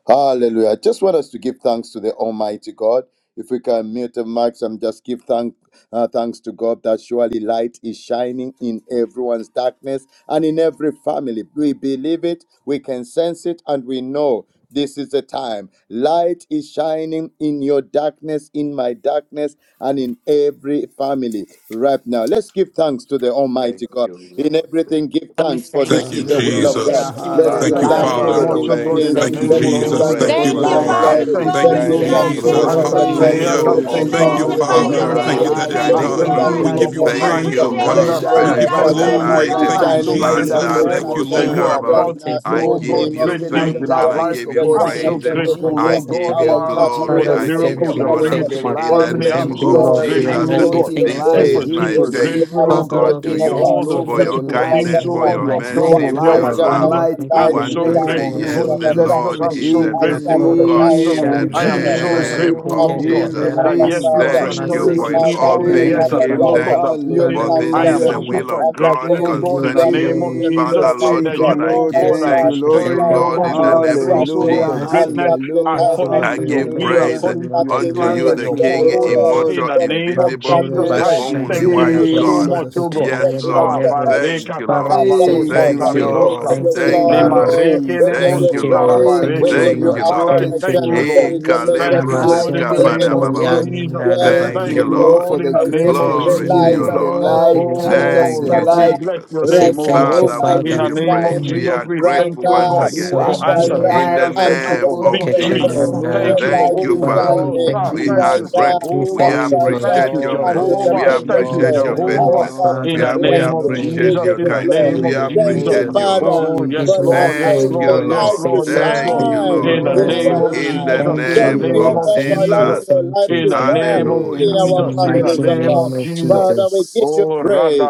Hallelujah. I just want us to give thanks to the Almighty God. If we can mute the mics and just give thank, uh, thanks to God that surely light is shining in everyone's darkness and in every family. We believe it, we can sense it, and we know this is the time. Light is shining in your darkness, in my darkness and in every family right now. Let's give thanks to the
Thank
Almighty God.
you,
In
Lord. Thank.
everything, give
Father, we
thanks, for
thank
this
Thank
Thank
you,
is
you,
the
you.
will
We
of
Lord.
God.
Hallelujah.
Jesus.
thank you
Father,
Let's
I
for
give
Thank
Father,
you,
thank
we
Hallelujah.
you
thanks
so
light.
to
give
the
Father.
Father,
you
King
much,
of
oh
we
We
God,
thanks
in
Kings.
the
thank
and
Thank
you.
we
you,
thank you,
We
name
Let's
give
of
give
you
thank
Jesus.
you.
Lord,
thanks
We
Jesus.
to
Thank
praise
the
for
you,
Thank
for
King
you,
thank
the
of
you,
light.
Lord.
I'm
Father.
Glory.
light is
Jesus.
Thank
We
We
thanking
Let's
you,
Glory
you,
to
give
We
shining
thank
thanks
Lord,
God.
thank
you.
thank
to
you,
you,
the
for
Thank
Jesus.
through.
Lord.
you,
Lord
Lord,
We
answered
of
in
give
the
Thank
Lord.
you
Lords.
you,
Thank
prayers.
name
Hallelujah.
you,
of
I'm
glory,
Lord.
Let's
We
oh
give
Lord.
Thank you,
We
thanking
Thank
Jesus.
thanks
you,
you,
to
God,
say
Lord,
Lord.
the
for
You
for
magnify
are
thank
the
Ancient
your
my
Father.
you,
We
of
Thank
name.
miracles.
you
light
Days.
We
is
that
thank
Father.
you,
light,
it's
oh
Let's
thank
I'm
shining
God,
you,
give
done.
Thank
Lord.
you
thanking
in
thanks
through.
for
you,
Lord.
We
to
your
the
give
Lord,
you
for
darkness,
We
mercy,
Almighty
Lord.
Thank
O
signs
praise,
God.
you,
oh
and
Lord
appreciate
You
God.
Holy
Thank
wonders.
you,
I
Almighty.
We
you,
shine
Lord.
And
am
Spirit,
give
Lord,
I'm
you
God
for
that
thanking
the
brighter
so
your
bless
and
you.
you,
light
glory.
thankful for
light.
is
brighter
Thank
I'm
Lord.
you,
We
and
so
shining
thank
in
you,
brighter
grateful,
the
Manda
Jesus.
every
Lord,
Lord.
until
Thank you,
rebo
the
darkness
se
that you are
Father,
perfect
Lord.
Lord,
right
karababa.
day.
we
about to
say
now
do,
in
I
thank
oh
Lord,
the
you
you.
give
have
name
God,
Thank
of
you
great
you,
driven
things
out
Jesus
in
thanks
Lord.
and
our
Christ,
I
life.
darkness.
give
Oh
you
the
We
God,
Son
I'm
of
Mercy,
so
praise.
thank
thank
the
you,
you,
grateful,
Lord, I
living
Lord.
am
I
God.
oh
Jesus.
so
God,
give
sorry.
you
Our
Thank you,
Father,
Father, we
for
glory.
the
Father,
bless
we
I
Jesus.
give
Thank
you
your
miracles
thank
you,
you.
you're
We
Lord,
holy
honor
for
bringing
name.
to
the
thank
my
you.
in
We
light
the
We
family.
of
give you
name
thank
I'm
you,
of
Jesus
so
Lord,
Jehovah,
for
we
glory.
your
grateful,
has
give
Jesus.
oh
We
mercy.
brought
give
you
God.
in
you
Thank you for
This
life,
thanks.
praise.
Super,
is
everything.
my
healing,
We
super
give you
thanks,
grateful,
oh
oh
deliverance.
Father,
God,
God,
Lord,
adoration,
to
We
we
O
for
you
Thank
thank
you,
you
God.
all
thank
the
for
you,
Lord,
Lord.
for
for
Thank
the
your
opening
beautiful
you,
doors
light,
Answer.
and
things,
Abba
kindness,
oh
Lord
for
oh God,
God,
your
you
Father,
We
have
Almighty.
done
your
thank
for
mercy,
that
Thank you
you,
me
for
your
and
for
my
your
light,
your
Lord.
that
your
love.
like
family.
kindness.
light
the
Thank
We
you
in
light
I'm
for
the
is
your
want
so
to
Thank
name
mercy,
say,
you,
of
shining
O
grateful,
Lord.
in
Lord
yes,
Lord
the
our
We
Jesus.
Jesus.
Lord
Almighty.
darkness
I'm
praise
is
you.
so
a
In
at
the
grateful,
such
merciful
Lord
a
Makoraba
God
time
We
Jesus.
as
name
in the
of
this,
I
thank
O
you,
am
God.
so
Jesus.
shandarabaye
You
name
grateful,
are
of
Lord God,
In the
faithful,
Jesus.
that
Abba
my
keteriandarabo
yes,
name
you
of
are
son,
Father.
but
Thank
it
you
restoring
You
masek
for
to
Jesus.
in
was
are
me
all
all
children
the
righteous,
years
things
Thank you,
that
Abba
the
give
Lord.
eteriandarabaye.
Father.
locusts
thanks,
have
You've
eaten.
Father,
for
done
we
of
it
this
my
I
thank
is
am
you,
Hallelujah.
the
son
again
that
Lord.
will
super
of
and
grateful,
God
We
oh
again.
give
Thank
you
God,
all
you,
in
We
the
the
concerning you.
name of
glory.
appreciate you,
Jesus,
your
Father,
Jesus.
Lord
Almighty
Thank
that
you,
you,
God,
God,
children,
I
oh
Lord.
that
give
God,
Yes,
are
Thank
light
Lord,
you,
thanks
we
to
Lord.
is
say
you,
restoring me, oh
thank
Lord,
shining
you,
God,
God,
in
to
in
the
your
I'm
our
Father,
name
so
Lord,
place,
of
oh
for
darkness
grateful.
your
God,
Hallelujah.
of
Jesus.
at
mercy.
greatness,
such a
Thank
Hallelujah.
time
you,
as
according
Lord,
I
for
to
this.
your
your
give
will,
There
greatness,
praise
Hallelujah.
is
O
according to
Lord, in
your
the
nothing
unto
plans
you,
mighty
and
Thank
the
your
you,
impossible
name
with
King,
of
purpose.
God.
Lord.
Jesus.
In
immortal,
the
For with
name
God,
of
invisible,
Makoro
Jesus,
nothing
the
shall
I
Thank you,
be
only
Bashanda
thanking you
wise
impossible.
so
God.
Rabosoko
much, oh
Jesus.
God.
We
Yes,
bless
Ah,
Lord.
your
Toliyenerebo.
holy name.
Thank you,
barekata
Father,
Lord.
we
Abba,
say
Thank you,
Father,
thank
Thank you,
you.
we
rabados
Lord.
give
Lord.
Thank
you
you,
Thank
Thank
you,
you,
Father.
Lord.
glory.
Limareke
We give
Jesus.
Thank
you
Thank
you,
lebozu
you,
Lord.
Lord.
praise.
Thank you,
We
Thank
tarabareke.
you,
Lord.
give you
Thank you,
You've
Lord.
Father,
Lord.
I
Thank
broken
you,
thank
adoration.
you,
through
Lord.
for
There
Eh,
Lord.
is a
me
major
Thank you,
kalebros
tonight.
shift,
Lord, in the
a
Amasoko
Thank
name
escapada
you,
major
of
bababa.
Lord.
shift.
Jesus.
Toyanda
Where
Thank
Thank
Thank
you,
you,
darkness
Rabaye.
you,
was
Lord,
Lord.
Lord.
for
Lord, in
the
the
If
name
grace
rejoicing,
we
to
of
give you
the
Glory
Thank you,
to
light
you,
experience
glory,
has
Jesus.
the
Lord.
we
come.
give
light,
you
Lord.
The
Jesus,
glory,
light
Oh,
the
Thank you,
Lord.
has
Lord, we
light.
come.
bless
Jesus.
your
We say
Right
name,
Thank
oh
you,
now,
thank
God.
you,
the
Lord.
Father, we
light
In
We
give
the
Father.
you
is
give
name
the
of
praise.
shining
We
Mm.
Jesus,
are
we
praise, oh
thank
grateful
you, oh
God.
once
We
brighter
God,
say
You
again
are
for
thank
Masoto
you,
my
answered
Rabaye.
brighter
Lord.
in the
prayers.
light,
Thank
until
you
Almighty
the
name
for
God.
of
Okay,
Thank you,
perfect
so
victory.
Thank
you are
day.
you,
Jesus.
not
Lord,
The
Thank you
able.
Lord.
for
light
Thank
in
you,
the
is
open
Father,
Father.
we
name
doors.
shining
of
Sir.
thank
We
you.
Thank
are
you,
Jesus.
brighter
We
grateful. We
and
Jehovah.
thank you,
Thank you,
Lord.
brighter
Thank
appreciate
you,
your
Lord.
until
mercy.
the
We
Thank
Jehovah.
you,
perfect
Thank you,
Lord.
appreciate
day.
Jesus.
Mm.
your
Thank
Thank
you,
Our
you,
Jehovah.
faithfulness.
Father,
Lord.
In
we
We,
Father.
the
are,
Thank
we
bless
name
you,
Thank
of
you.
you
Lord.
in
We
appreciate
Jesus,
the
give
your
in
you
the
mighty
kindness.
name
glory.
In
We
of
name
the
of
Thank
Jesus.
you,
name
appreciate
Jesus.
you,
of
Lord.
Oh,
Father,
We give
yes,
for
you all the
Lord, yes,
Jesus.
allowing
Thank
glory,
you,
your
Lord,
Lord. We
yes,
light
Lord.
say
to
Lord, yes,
thank
Thank
Lord.
Thank you,
you
you,
I
for
shine
In
your
Lord.
In the
the
in
name
our
mercy.
of
Lord.
In
name
the
lives.
of
Jesus, in
Thank you,
the
was so
Thank
name
you,
name
O
grateful.
Lord.
of
of
God, for
Thank
Jesus.
you,
allowing
Jesus,
Jesus.
your
thank
light
you,
in
to
the
thank
shine
name
you.
of
I
in
Hallelujah.
Thank
must
our
In
you,
the
Jesus,
remember
in
the
the
mighty
families, O
name
God.
name
of
of
Jesus.
Jesus.
Father, we
Jesus.
give
words.
you
Oh,
praise.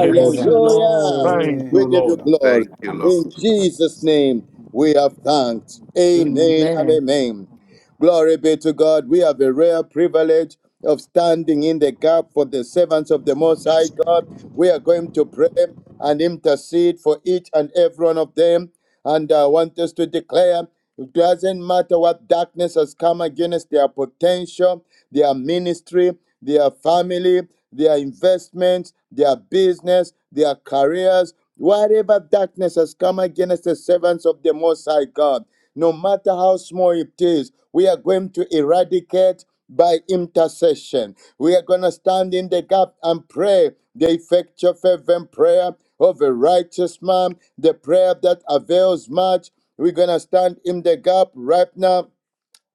I must
Thank you,
remember
Boshata.
the
Lord.
Thank you,
We
Thank
give
you,
you
Lord.
Lord.
glory.
Thank you,
In
Lord.
Jesus' name we have thanked. Amen and
Amen. Amen.
amen. Glory be to God. We have a rare privilege of standing in the gap for the servants of the Most High God. We are going to pray and intercede for each and every one of them. And I want us to declare it doesn't matter what darkness has come against their potential, their ministry, their family, their investments, their business, their careers, whatever darkness has come against the servants of the Most High God. No matter how small it is, we are going to eradicate by intercession. We are going to stand in the gap and pray the effectual fervent prayer of a righteous man, the prayer that avails much. We're going to stand in the gap right now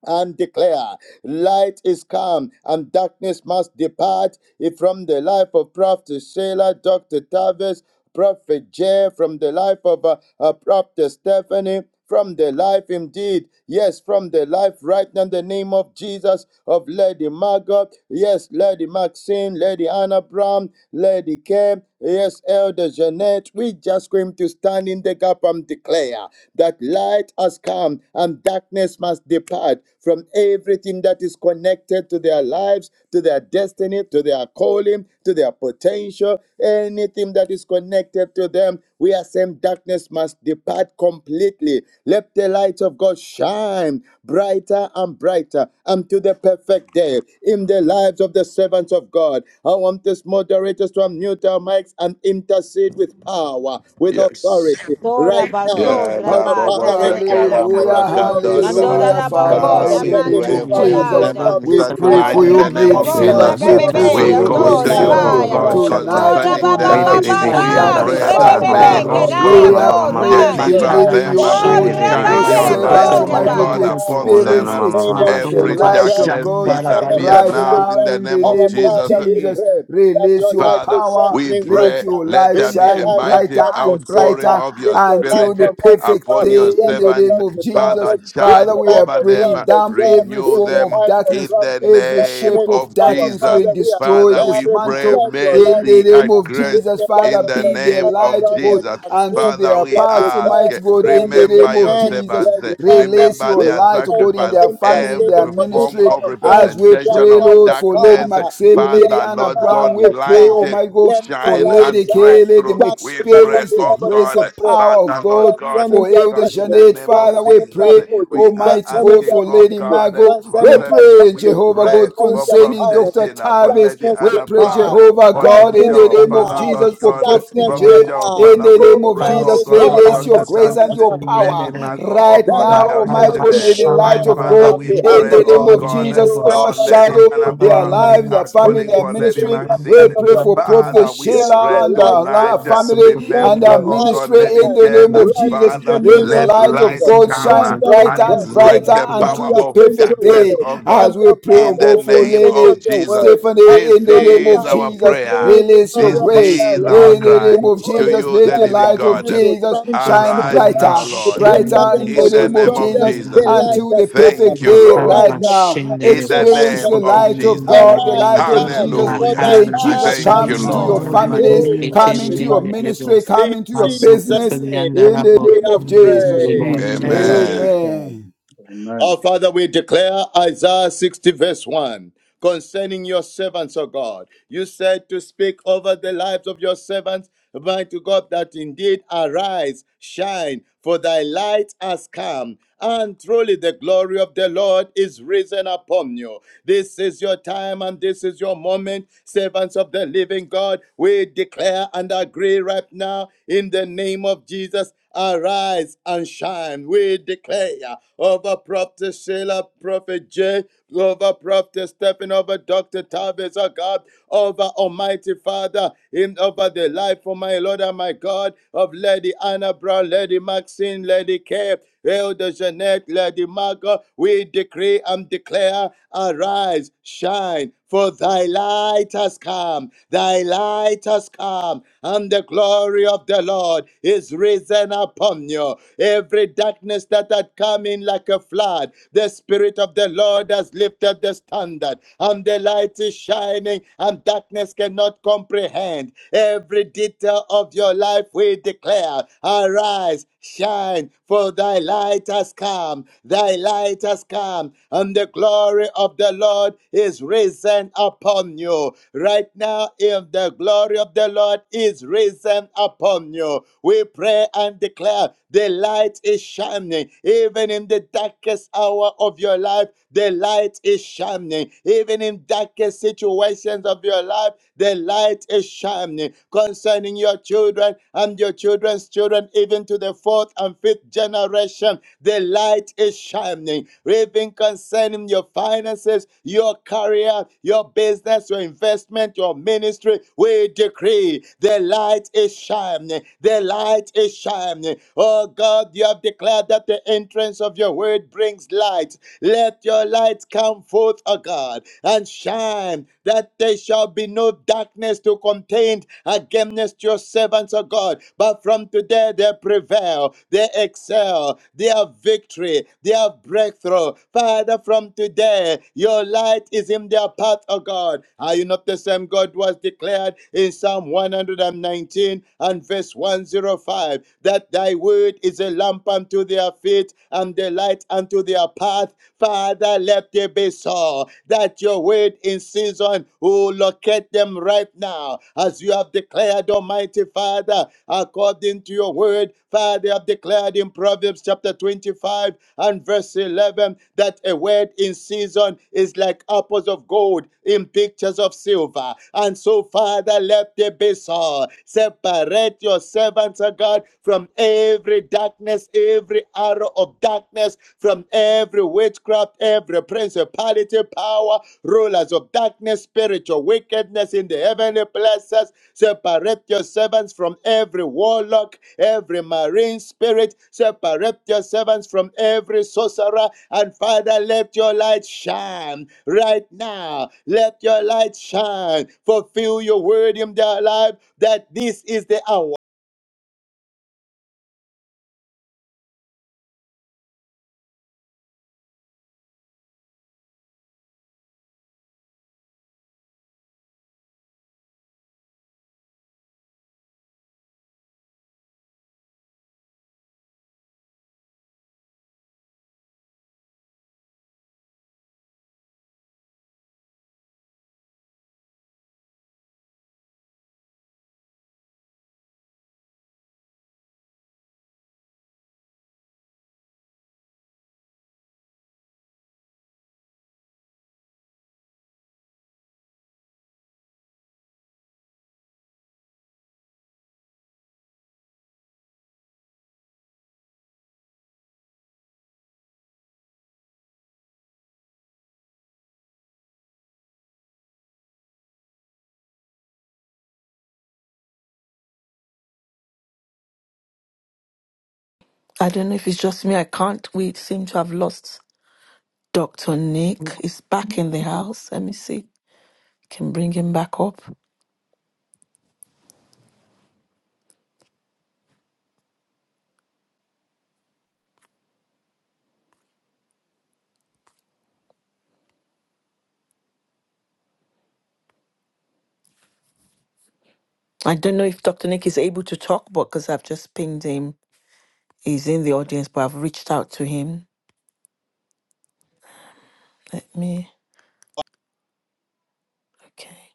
and declare, Light is come, and darkness must depart If from the life of Prophet Sheila, Dr. Tavis, Prophet Jay, from the life of uh, uh, Prophet Stephanie, from the life indeed, yes, from the life right now in the name of Jesus, of Lady Margot, yes, Lady Maxine, Lady Anna Brown, Lady Kim, Yes, Elder Jeanette, we just going to stand in the gap and declare that light has come and darkness must depart from everything that is connected to their lives, to their destiny, to their calling, to their potential, anything that is connected to them. We are saying darkness must depart completely. Let the light of God shine brighter and brighter until the perfect day in the lives of the servants of God. God. I want these moderators to unmute our mics and intercede with power, with
Yes.
authority
Tora
right now.
baso
Yeah, la
Our
raba
bobo
Father,
tada
we
se
de
come right now
alaka.
in the
calambra
Hallelujah,
name of
catori,
Jesus
baba.
Mandora
Christ,
hallelujah,
da
the Son
boko,
Father,
Father,
of
in
we
the
the
name
ramanda
living
pray
de
of
God,
for
Masandarabasekotoriende,
your
that
Jesus,
our
elada.
God,
servants
this
we
uh,
is the
pray
Oh,
for
tonight in
time
rebesapatara,
you,
the name
that
maid
of
ramambo,
yea.
Shianda
Lord
Jesus.
servant. We
God
pray
Sata
for
We
rababebe,
Almighty,
you,
call
your
maid
ando,
Handorosi
to you,
light
servant,
O
is
Karababa
rabaya.
Masekotoriende,
God,
shining.
Shata
Oh,
tonight, oh
Your
concerning
God,
light
them.
Thank
is
light in
Rebebe
my
We
shining
rabababa,
Shianda
darkness.
pray
right
that
Sata
now in the
may,
Father,
rebebebe,
name
O
of
Handorosi
kadaya,
we
God,
are
Jesus.
Karamama
bo,
Mama
Let
praying,
raya.
your
Shata
deliver
light
believing you,
them.
shine
Oh,
God
now.
Rebebe
your
Shine
Let
your
rabaya,
Shianda
your
light,
servants,
ko,
light
O
Almighty
Sata
shine
God, to
God,
rabaya.
now.
upon
Ona
In
experience,
the
them.
Mama
name
Mama
of
experience the
Every
Jesus
Shata
light
Christ,
of
darkness
God
the Son of
disappear
the
right
now
living
now
in
God,
the
in the
name of
our
name of
Jesus.
Father, we
Jesus.
pray that
Release
your
your
light
Father,
is
power,
we
shining right
let
pray,
your
now
let
light
there
in
be
the
a
shine
life of
brighter
mighty
and
Prophet
outpouring
Sarah,
brighter
of
in
your
the
until
life
the
spirit
of Mighty
perfect
upon
God,
your
day in
yes,
the
of
name
servants.
of
Dr.
Jesus.
Father,
Tavis, in
charge
Father,
the
we are
life
over
of
them,
praying
Prophet
down
Jeff,
every
renew
in
form
the
them
of
life of
in
darkness
the
Prophet
Every
name
shape
Stephanie.
of
of
Our
darkness
Jesus.
we
Father, we are
destroy,
Father, we
declaring,
pray
dismantle
let your
in
light
the
mercy
name
shine
and
of
in
grace
Jesus.
the life
Father,
in
of
the
be
Lady
their
name
Anna
light,
of
O
Brown, Lady.
God,
Jesus.
Prophet Maxim,
unto
Father,
their
we
Lady
paths,
ask,
Care,
Almighty God, in
Elder
the name
remember your
of
Janet,
Jesus.
servants,
Lady Margot.
Release
remember
your
We
their
are
light, O
praying
God, in
and
sacrifice,
their family,
interceding
their
every
for each
form
ministry.
one
of
of them
As we
right
representation
pray,
of
now.
Lord,
That
for Lady
darkness.
Father,
Maxim,
if you are
Lady
Father,
the
Anna
Lord
Father
Brown,
God,
we
of
pray,
light,
oh
light,
eh,
my God,
let your
for
shine,
light
Lady
and
shine.
Kay, let
breakthrough.
them
We
Darkness shall
pray,
not
experience
be
the
oh
able to
grace
God,
and power
comprehend
of
Father,
God.
Lord God.
concerning
For
their
Elder
God, in the
destiny,
Jeanette,
name
Father,
of
we
concerning their
Jesus, eh,
pray,
calling,
we are
Almighty
concerning
God,
asking,
their
for
oh
Lady
ministry,
God, eh,
Margot,
for
we
concerning their
Stephanie.
pray,
We
families,
Jehovah
pray
God,
concerning
for
their
concerning
Prophet
Dr.
finances.
Sheila, for
Tavis.
Lady
Darkness
We
Anna
pray,
Brown,
depart.
eh,
Jehovah
for
God,
Lady
in
Darkness
the
Joe,
name of
Father,
depart.
Jesus
Lord
for
God, eh,
Prophet
Darkness
J.
Prophet Joe,
depart.
In
Father,
the
we
name
Oh
of
pray,
God,
oh
we
Jesus,
God,
call
for
release your
Dr.
upon
grace
you
and
Tavis. eh,
your
now.
power
Lady Margot, oh
right
That
God,
now,
our
El
Almighty
God
God.
you
May
Shaddai,
the
my
show
light
up
of
on
Father,
their
God,
we
behalf,
in
pray,
oh
the
oh
name
God.
of
God,
Jesus,
Show up
oh
and
Lady
show
overshadow
Anna
forth right
their
Brown, we
now.
lives, their
are
Your
family,
calling
their
for Lady
exceeding
ministry. We
Maxine.
greatness of
pray
your
for
power.
Prophet
Father, we
you.
Let
pray
Sheila
your
and
light
her
tonight.
So
shine.
for
family
Let
and her
Remember,
freedom,
your
oh
light
God,
ministry
escape
Lady
the
in
shine.
the
Care,
name of
that
freedom.
Right now
Jesus.
in the
Father,
Let
name
Integrity,
the
of
let
the
light of
Jesus.
light
legacy, the
God
come
words
shine
uh,
of
Father, we
brighter
and
violence,
and
the
trust you
break
mercy
brighter
the
that
until
that
I
power
you
until
have
the
of
was
sent
perfect
your
darkness,
word.
oh
day
God,
And
as we
your
pray, oh
in
Father,
the
the
God, for
name
entrance
of
of
Lady
your
Jesus.
word has
This
Stephanie in the
brought
name of
is
light
our
to
Jesus.
prayer.
any
Release
in.
your
This
I will say, make the love of peace.
area of
Rabbi
grace
their
in
is our
life,
Shimon,
the
the
their
cry
name
web
of
to
source
calling,
Jesus.
of
you,
Let
the
the
where
the
living
light of
darkness
God.
Rabbi.
was
Jesus
trying to
shine
Master
mighty
Arise
Rabbi
God
now,
brighter,
to
Lord,
Shimon,
hinder
the
brighter
them
in
web
the
in
or
the
to
name
source of
of
name
stop
so for
of
me.
them.
Jesus
And
The
the
Jesus.
Rabbi.
light
until the
has come.
Thank
perfect
you,
day
The
Master
Lord,
right
Rabbi
light has
now.
come.
Shimon,
in
the
the
The
web
light
Experience
source
name
has
the
of so for
of
me.
light of
And
Jesus.
come.
the
God, the
Rabbi.
light
Arise,
In
of
shine,
the name
Jesus.
for
Hallelujah.
of Jesus.
thy
Master
May
Rabbi
light
Jesus
Thank
has
come
you,
Yes,
into
Shimon,
come.
your
Lord.
the
Lord, in
Rabbi,
the
families,
the
Oh,
name of
Father,
come
we
into your
Peterian,
thank
Jesus.
the
you.
Rabbi.
ministry, come
In
into your
Master
Jesus'
business
Peterian,
name,
the
in the
Rabbi.
we
name
have
of
In the
Thank you,
Jesus.
name
prayed.
Lord.
of
Amen.
Jesus.
Thank you,
Amen.
Amen.
Amen.
Father.
Our
Amen.
Father, we declare Isaiah 60, verse 1 concerning your servants, O God. You said to speak over the lives of your servants, mighty God, that indeed arise, shine, for thy light has come, and truly the glory of the Lord is risen upon you. This is your time and this is your moment, servants of the living God. We declare and agree right now in the name of Jesus. Arise and shine. We declare over Prophet Sheila, Prophet Jay, over Prophet Stephen, over Dr. Tavis, oh God, over Almighty Father, in over the life of my Lord and my God, of Lady Anna Brown, Lady Maxine, Lady Kay, Elder Jeanette, Lady Margot, we decree and declare, arise, shine, for thy light has come, thy light has come, and the glory of the Lord is risen upon you. Every darkness that had come in like a flood, the spirit. Spirit of the Lord has lifted the standard, and the light is shining, and darkness cannot comprehend. Every detail of your life we declare, arise, shine, for thy light has come, thy light has come, and the glory of the Lord is risen upon you. Right now, if the glory of the Lord is risen upon you, we pray and declare the light is shining, even in the dark darkest hour of your life, the light is shining. Even in darkest situations of your life, the light is shining. Concerning your children and your children's children, even to the fourth and fifth generation, the light is shining. Even concerning your finances, your career, your business, your investment, your ministry, we decree the light is shining. The light is shining. Oh God, you have declared that that the entrance of your word brings light. Let your light come forth, O God, and shine, that there shall be no darkness to contend against your servants, O God. But from today they prevail, they excel, they have victory, they have breakthrough. Father, from today, your light is in their path, O God. Are you not the same God who has declared in Psalm 119 and verse 105 that thy word is is a lamp unto their feet and a light unto their path. Father, let it be so that your word in season will locate them right now, as you have declared, Almighty Father, according to your word. Father, you have declared in Proverbs chapter 25 and verse 11 that a word in season is like apples of gold in pictures of silver. And so, Father, let there be so. Separate your servants, O God, God, from every darkness, every arrow of darkness, from every witchcraft, every principality, power, rulers of darkness, spiritual wickedness in the heavenly places. Separate your servants from every warlock, every marine spirit. Separate your servants from every sorcerer. And Father, let your light shine right now. Let your light shine. Fulfill your word in their life that this is the hour
I don't know if it's just me. I can't. We seem to have lost Dr. Nick. He's back in the house. Let me see. Can bring him back up. I don't know if Dr. Nick is able to talk, but because I've just pinged him, he's in the audience, but I've reached out to him. Let me, okay.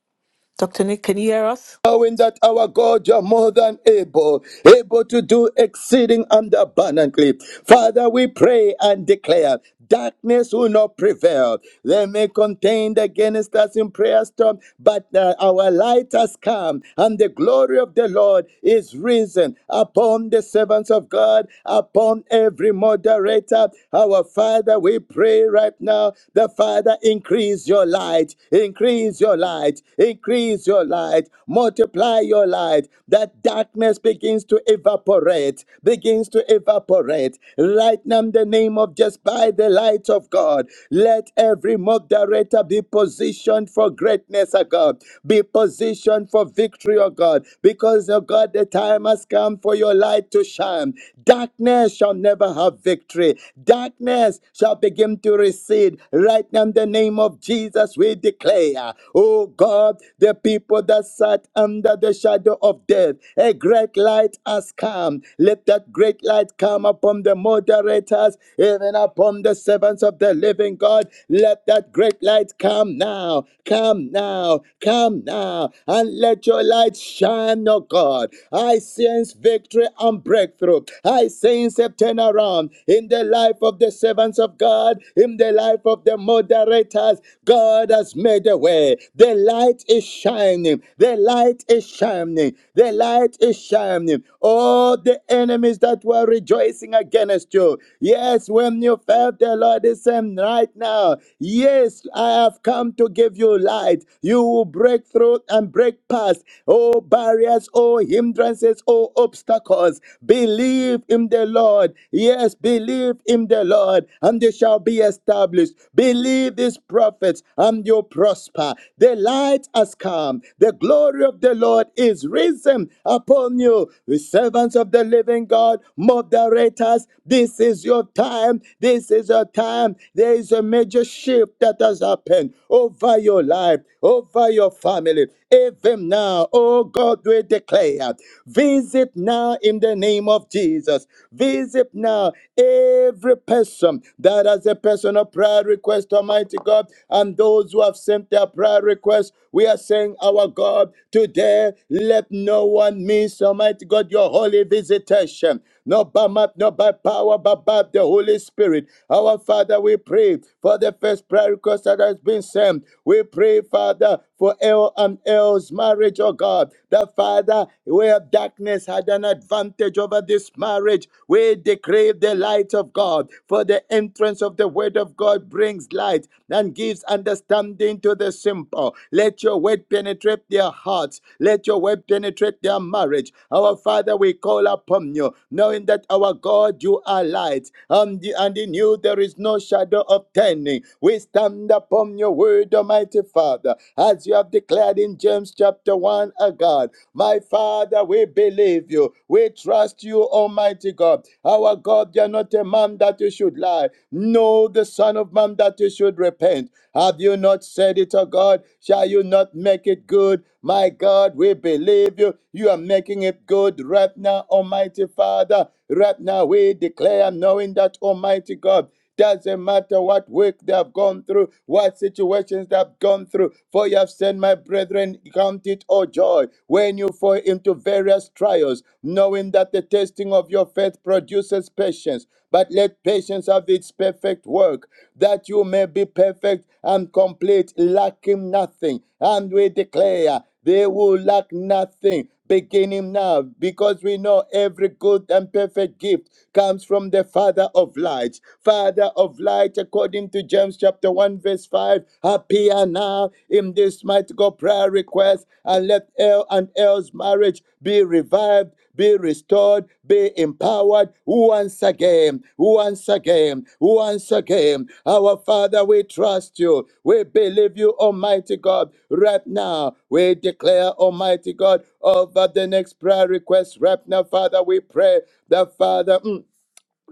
Dr. Nick, can you hear us?
knowing that our God, you're more than able, able to do exceeding and abundantly. Father, we pray and declare. Darkness will not prevail. They may contend against us in prayer storm, but uh, our light has come, and the glory of the Lord is risen upon the servants of God, upon every moderator. Our Father, we pray right now. The Father, increase your light, increase your your light, increase your light, multiply your light. That darkness begins to evaporate, begins to evaporate. Right now, in the name of just by the light of God, let every moderator be positioned for greatness, O God. Be positioned for victory, O God, because, O God, the time has come for your light to shine. Darkness shall never have victory. Darkness shall begin to recede. Right now, in the name of Jesus, we declare, oh God, the people that sat under the shadow of death, a great light has come. Let that great light come upon the moderators, even upon the servants of the living God. Let that great light come now, come now, come now, and let your light shine, oh God. I sense victory and breakthrough. I sense a turnaround in the life of the servants servants of God, in the life of the moderators, God has made a way. The light is shining. The light is shining. The light is shining. All the enemies that were rejoicing against you. Yes, when you felt the Lord is saying right now, yes, I have come to give you light. You will break through and break past all barriers, all hindrances, all obstacles. Believe in the Lord. Lord. Yes, believe in the Lord, and they shall be established. Believe these prophets, and you'll prosper. The light has come. The glory of the Lord is risen upon you. The servants of the living God, moderators, this is your time. This is your time. There is a major shift that has happened over your life, over your family. Even now, oh God, we declare, visit Visit now in the name of Jesus. Visit now every person that has a personal prayer request, Almighty God, and those who have sent their prayer request. We are saying, Our God, today let no one miss, Almighty God, your holy visitation not by might, not by power, but by the Holy Spirit. Our Father, we pray for the first prayer request that has been sent. We pray, Father, for El and El's marriage, oh God. The Father, where darkness had an advantage over this marriage, we decree the light of God. For the entrance of the word of God brings light and gives understanding to the simple. Let your word word penetrate their hearts. Let your word penetrate their marriage. Our Father, we call upon you, knowing that our God, you are light, and, and in you there is no shadow of turning. We stand upon your word, Almighty Father, as you have declared in James chapter 1, O God. My Father, we believe you. We trust you, Almighty God. Our God, you are not a man that you should lie. Know the Son of Man that you should repent. Have you not said it, O God? Shall you not make it good? My God, we believe you. You are making it good right now, Almighty Father. Right now, we declare, knowing that, Almighty God. Doesn't matter what work they have gone through, what situations they have gone through. For you have said, my brethren, count it all joy when you fall into various trials, knowing that the testing of your faith produces patience. But let patience have its perfect work, that you may be perfect and complete, lacking nothing. And we declare, they will lack nothing beginning now because we know every good and perfect gift comes from the Father of light. Father of light, according to James chapter 1, verse 5, appear now in this mighty God prayer request and let El and El's marriage be revived be restored, be empowered once again, once again, once again. Our Father, we trust you. We believe you, Almighty God. Right now, we declare, Almighty God, over the next prayer request. Right now, Father, we pray that Father. mm,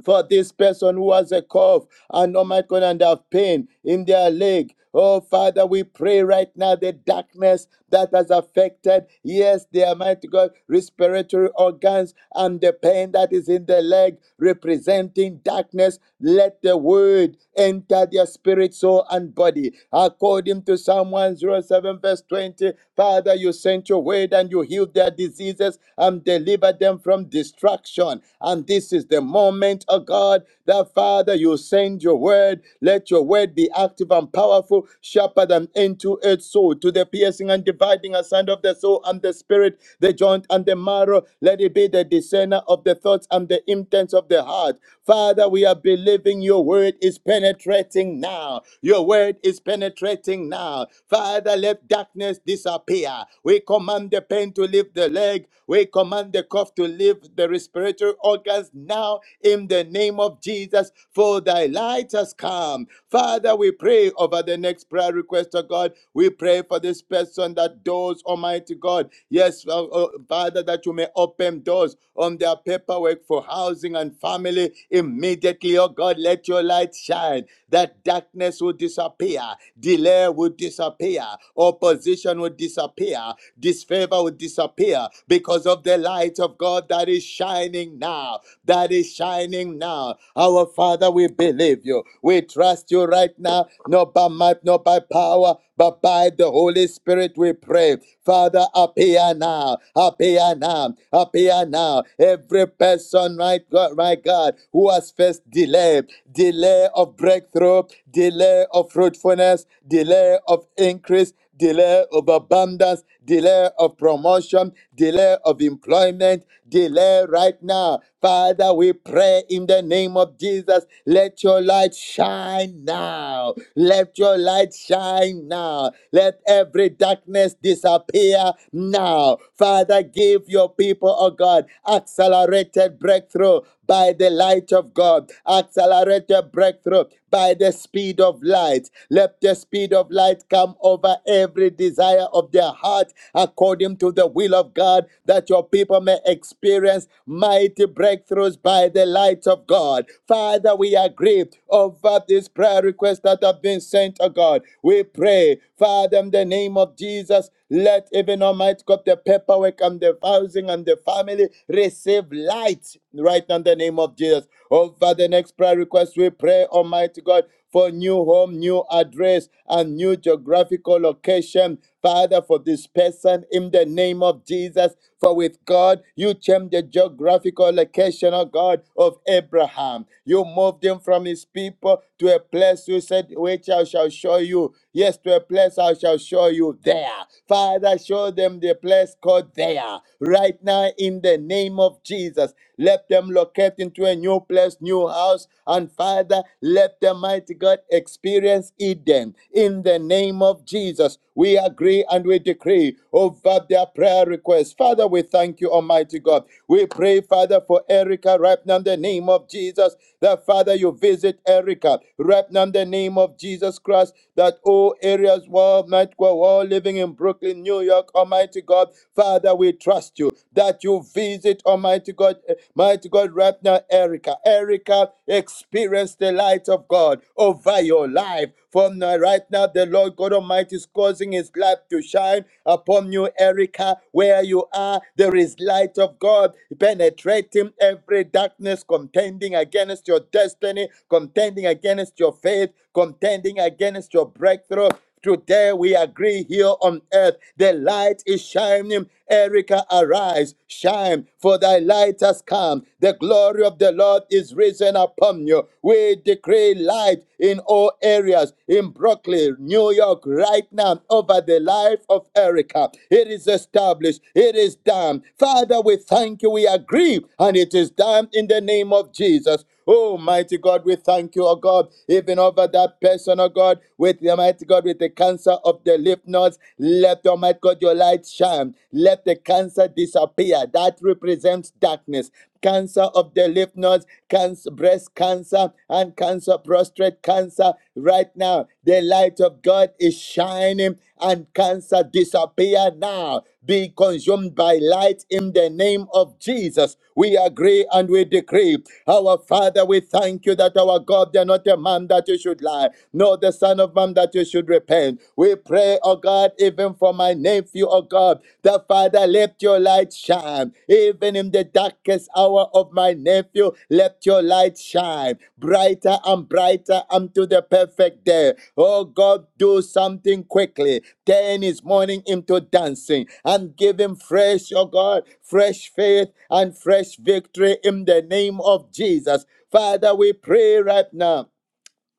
for this person who has a cough and oh my God, and have pain in their leg. Oh Father, we pray right now the darkness that has affected, yes, their mighty God, respiratory organs and the pain that is in the leg representing darkness. Let the word enter their spirit, soul, and body. According to Psalm 107, verse 20, Father, you sent your word and you healed their diseases and delivered them from destruction instruction. And this is the moment, oh God, that Father, you send your word. Let your word be active and powerful, sharper than any two-edged sword, to the piercing and dividing aside of the soul and the spirit, the joint and the marrow. Let it be the discerner of the thoughts and the intents of the heart. Father, we are believing your word is penetrating now. Your word is penetrating now. Father, let darkness disappear. We command the pain to leave the land leg. We command the cough to leave the respiratory organs now in the name of Jesus, for thy light has come. Father, we pray over the next prayer request, oh God. We pray for this person that doors, Almighty God. Yes, oh, oh, Father, that you may open doors on their paperwork for housing and family immediately, oh God. Let your light shine that darkness will disappear, delay will disappear, opposition will disappear disappear. Disfavor will disappear because of the light of God that is shining now. That is shining now. Our Father, we believe you. We trust you right now, not by might, not by power, but by the Holy Spirit we pray. Father, appear now, appear now, appear now. Every person, right God, my God, who has faced delay, delay of breakthrough, delay of fruitfulness, delay of increase, delay of abundance, delay of promotion, delay of employment, delay right now. Father, we pray in the name of Jesus, let your light shine now. Let your light shine now. Let every darkness disappear now. Father, give your people, oh God, accelerated breakthrough by the light of God, accelerated breakthrough by the speed of light let the speed of light come over every desire of their heart according to the will of God, that your people may experience mighty breakthroughs by the light of God. Father, we are grieved over this prayer request that have been sent to God. We pray Father, in the name of Jesus, let even Almighty God, the paperwork and the housing and the family receive light right now in the name of Jesus. Over the next prayer request, we pray, Almighty God, for new home, new address, and new geographical location. Father, for this person in the name of Jesus. For with God, you changed the geographical location, Oh God, of Abraham. You moved him from his people to a place you said, which I shall show you. Yes, to a place I shall show you there. Father, show them the place called there. Right now, in the name of Jesus, let them locate into a new place, new house. And Father, let the mighty God experience Eden. In the name of Jesus, we agree and we decree over their prayer requests. Father, we thank you, Almighty God. We pray, Father, for Erica right now in the name of Jesus. That Father, you visit Erica. God. Right now, in the name of Jesus Christ, that all areas, world, night, we all living in Brooklyn, New York, Almighty God, Father, we trust you that you visit, Almighty God, eh, Mighty God, right now, Erica. Erica, experience the light of God over your life. From now, right now, the Lord God Almighty is causing His light to shine upon you, Erica. Where you are, there is light of God penetrating every darkness, contending against your destiny, contending against against your faith, contending against your breakthrough. Today we agree here on earth. The light is shining. Erica, arise, shine, for thy light has come. The glory of the Lord is risen upon you. We decree light in all areas, in Brooklyn, New York, right now, over the life of Erica. It is established, it is done. Father, we thank you. We agree, and it is done in the name of Jesus. Oh, mighty God, we thank you, oh God, even over that person, oh God, with the mighty God, with the cancer of the lymph nodes. Let, oh mighty God, your light shine. Let the cancer disappear. That represents darkness. Cancer of the lymph nodes, cancer, breast cancer, and cancer, prostate cancer. Right now, the light of God is shining shining and cancer disappear now. Be consumed by light in the name of Jesus. We agree and we decree. Our Father, we thank you that our God, they're not a man that you should lie, nor the Son of Man that you should repent. We pray, oh God, even for my nephew, oh God, the Father, let your light shine. Even in the darkest hour of my nephew, let your light shine brighter and brighter unto the perfect day. Oh God, do something quickly. Turn his morning into dancing and give him fresh, oh God, fresh faith and fresh victory in the name of Jesus. Father, we pray right now.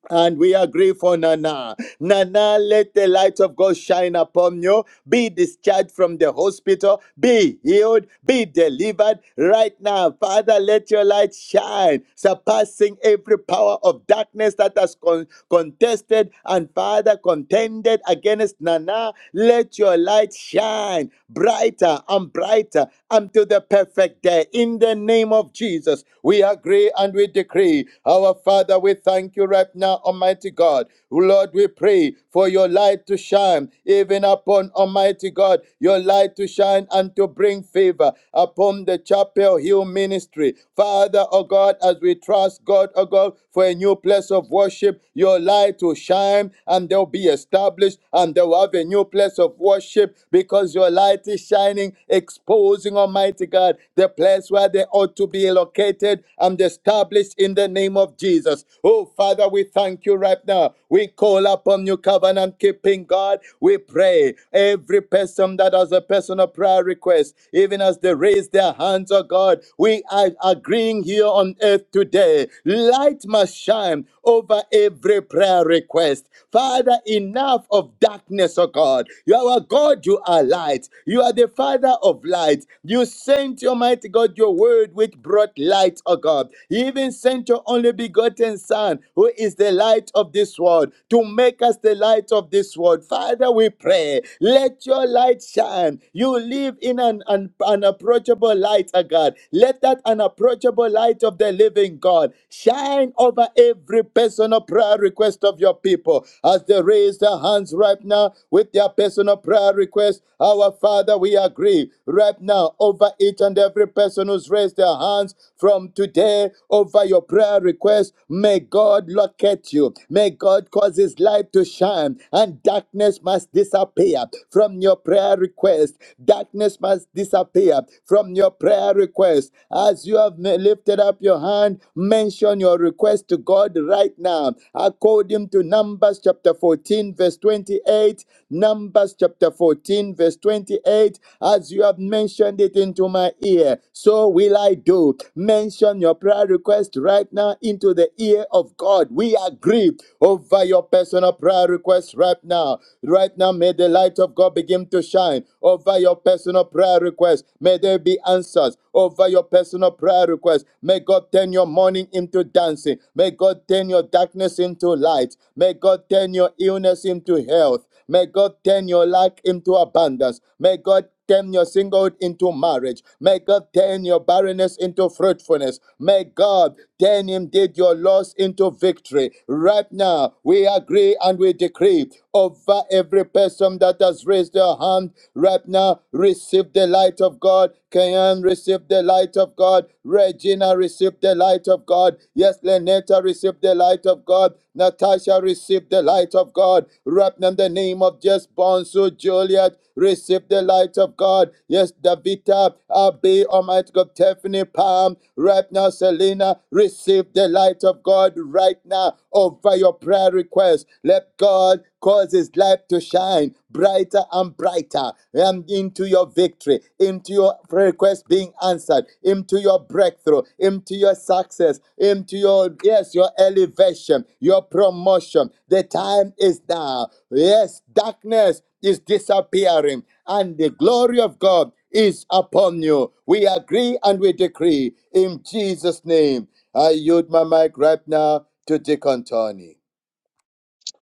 And we agree for Nana. Nana, let the light of God shine upon you. Be discharged from the hospital. Be healed. Be delivered right now. Father, let your light shine, surpassing every power of darkness that has con- contested and, Father, contended against Nana. Let your light shine brighter and brighter until the perfect day. In the name of Jesus, we agree agree and we decree. Our Father, we thank you right now, Almighty God. Lord, we pray for your light to shine even upon Almighty God, your light to shine and to bring favor upon the Chapel Hill ministry. Father, oh God, as we trust God, oh God, for a new place of worship, your light will shine and they'll be established and they'll have a new place of worship because your light is shining, exposing Almighty. Almighty God, the place where they ought to be located and established in the name of Jesus. Oh, Father, we thank you right now. We call upon you, covenant keeping God. We pray every person that has a personal prayer request, even as they raise their hands, oh God, we are agreeing here on earth today. Light must shine over every prayer request. Father, enough of darkness, oh God. You are a God God, you are light. You are the Father of light. You sent, Almighty God, your word which brought light, O God. You even sent your only begotten Son, who is the light of this world, to make us the light of this world. Father, we pray, let your light shine. You live in an un- unapproachable light, O God. Let that unapproachable light of the living God shine over every personal prayer request of your people As as they raise their hands right now with their personal prayer request. Our Father, we agree right now over each and every person who's raised their hands from today over your prayer request. May God locate you. May God cause his light to shine and darkness must disappear from your prayer request. Darkness must disappear from your prayer request. As you have lifted up your hand, mention your request sacrifice to God right now. According to Numbers chapter 14, verse 28, Numbers chapter 14, verse 28, as you have mentioned it into my ear, so will I do. Mention your prayer request right now into the ear of God. We agree over your personal prayer request right now. Right now, may the light of God begin to shine over your personal prayer request. May there be answers over your personal of prayer requests. May God turn your mourning into dancing. May God turn your darkness into light. May God turn your illness into health. May God turn your lack into abundance. May God turn your singlehood into marriage. May God turn your barrenness into fruitfulness. May God turn indeed your loss into victory. Right now, we agree and we decree over every person that has raised their hand. Right now, receive receive the light of God. Kayan, receive the light of God. Regina, receive the light of God. Yes, Lenetta, receive the light of God. Natasha, receive the light of God. Wrap in the name of Jess Bonsu, Juliet, receive the light of God. Yes, Davita, Abe, Almighty God, Tiffany, Palm, right Selena, receive the light of God right now over your prayer request. Let God Cause His light to shine brighter and brighter and into your victory, into your request being answered, into your breakthrough, into your success, into your, yes, your elevation, your promotion. The time is now. Yes, darkness is disappearing and the glory of God is upon you. We agree and we decree in Jesus' name. I yield my mic right now to Deacon Tony.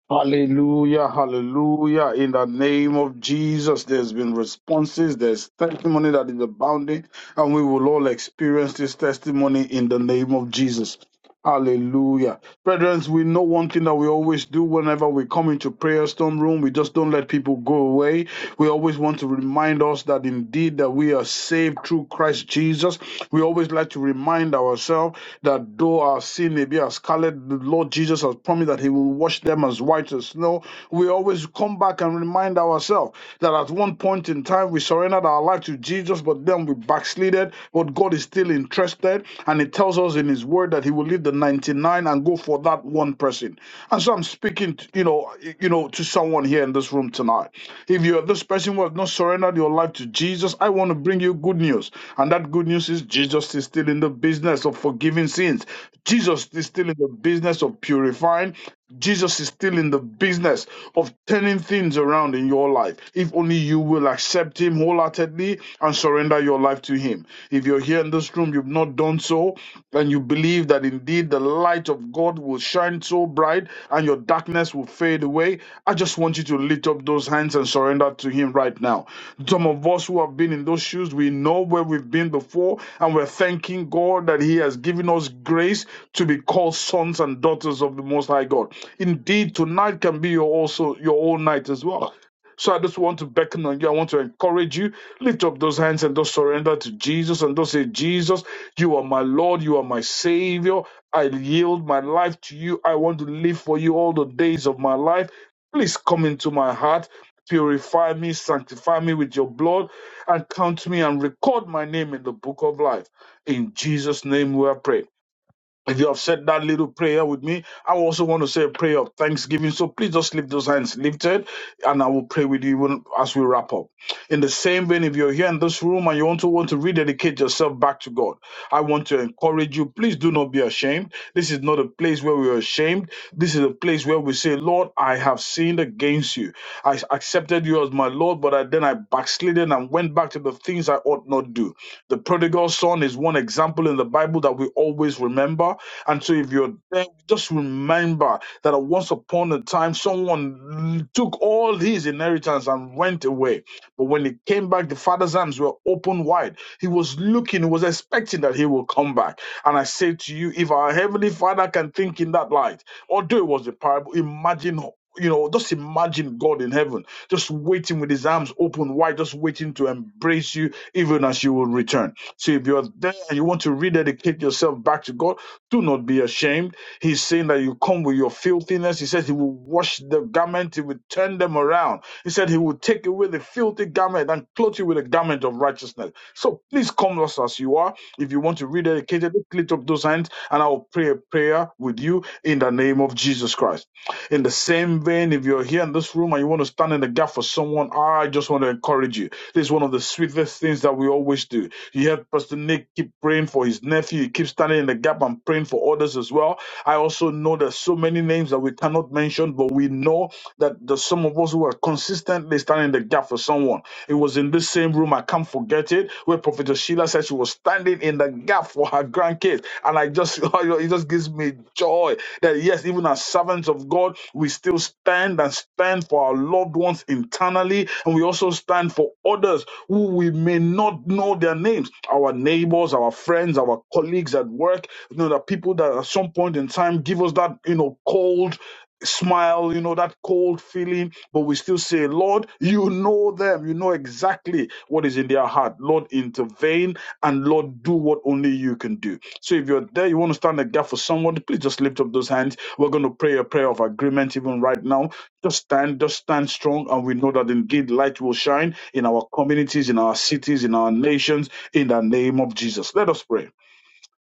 Hallelujah, hallelujah. In the name of Jesus, there's been responses, there's testimony that is abounding, and we will all experience this testimony in the name of Jesus. Hallelujah. Brethren, we know one thing that we always do whenever we come into prayer storm room, we just don't let people go away. We always want to remind us that indeed that we are saved through Christ Jesus. We always like to remind ourselves that though our sin may be as scarlet, the Lord Jesus has promised that He will wash them as white as snow. We always come back and remind ourselves that at one point in time we surrendered our life to Jesus, but then we backslided. But God is still interested, and He tells us in His Word that He will leave the 99 and go for that one person. And so I'm speaking, to, you know, you know, to someone here in this room tonight. If you're this person who has not surrendered your life to Jesus, I want to bring you good news. And that good news is Jesus is still in the business of forgiving sins. Jesus is still in the business of purifying. Jesus is still in the business of turning things around in your life. If only you will accept Him wholeheartedly and surrender your life to Him. If you're here in this room, you've not done so, and you believe that indeed the light of God will shine so bright and your darkness will fade away, I just want you to lift up those hands and surrender to Him right now. Some of us who have been in those shoes, we know where we've been before, and we're thanking God that He has given us grace to be called sons and daughters of the Most High God. Indeed, tonight can be your also your own night as well. So I just want to beckon on you. I want to encourage you. Lift up those hands and just surrender to Jesus and just say, Jesus, you are my Lord. You are my Savior. I yield my life to you. I want to live for you all the days of my life. Please come into my heart. Purify me, sanctify me with your blood, and count me and record my name in the book of life. In Jesus' name we are pray. If you have said that little prayer with me, I also want to say a prayer of thanksgiving. So please just lift those hands lifted and I will pray with you even as we wrap up. In the same vein, if you're here in this room and you want to want to rededicate yourself back to God, I want to encourage you. Please do not be ashamed. This is not a place where we're ashamed. This is a place where we say, Lord, I have sinned against you. I accepted you as my Lord, but I, then I backslidden and went back to the things I ought not do. The prodigal son is one example in the Bible that we always remember. And so, if you're there, just remember that once upon a time, someone took all his inheritance and went away. But when he came back, the father's arms were open wide. He was looking, he was expecting that he will come back. And I say to you, if our heavenly father can think in that light, although it was a parable, imagine. You know, just imagine God in heaven, just waiting with his arms open wide, just waiting to embrace you even as you will return. So if you're there and you want to rededicate yourself back to God, do not be ashamed. He's saying that you come with your filthiness. He says he will wash the garment, he will turn them around. He said he will take away the filthy garment and clothe you with a garment of righteousness. So please come us as you are. If you want to rededicate it, lift up those hands and I will pray a prayer with you in the name of Jesus Christ. In the same vein, if you're here in this room and you want to stand in the gap for someone, I just want to encourage you this is one of the sweetest things that we always do. You heard Pastor Nick keep praying for his nephew. He keeps standing in the gap and praying for others as well. I also know there's so many names that we cannot mention, but we know that there's some of us who are consistently standing in the gap for someone it was in this same room, I can't forget it, where Prophet Sheila said she was standing in the gap for her grandkids. And I just, it just gives me joy that yes, even as servants of God, we still stand and stand for our loved ones internally. And we also stand for others who we may not know their names our neighbors, our friends, our colleagues at work, you know, the people that at some point in time give us that, you know, cold smile, you know, that cold feeling, but we still say, Lord, you know them. You know exactly what is in their heart. Lord, intervene and Lord, do what only you can do. So if you're there, you want to stand a gap for someone, please just lift up those hands. We're going to pray a prayer of agreement even right now. Just stand, just stand strong, and we know that indeed light will shine in our communities, in our cities, in our nations, in the name of Jesus. Let us pray.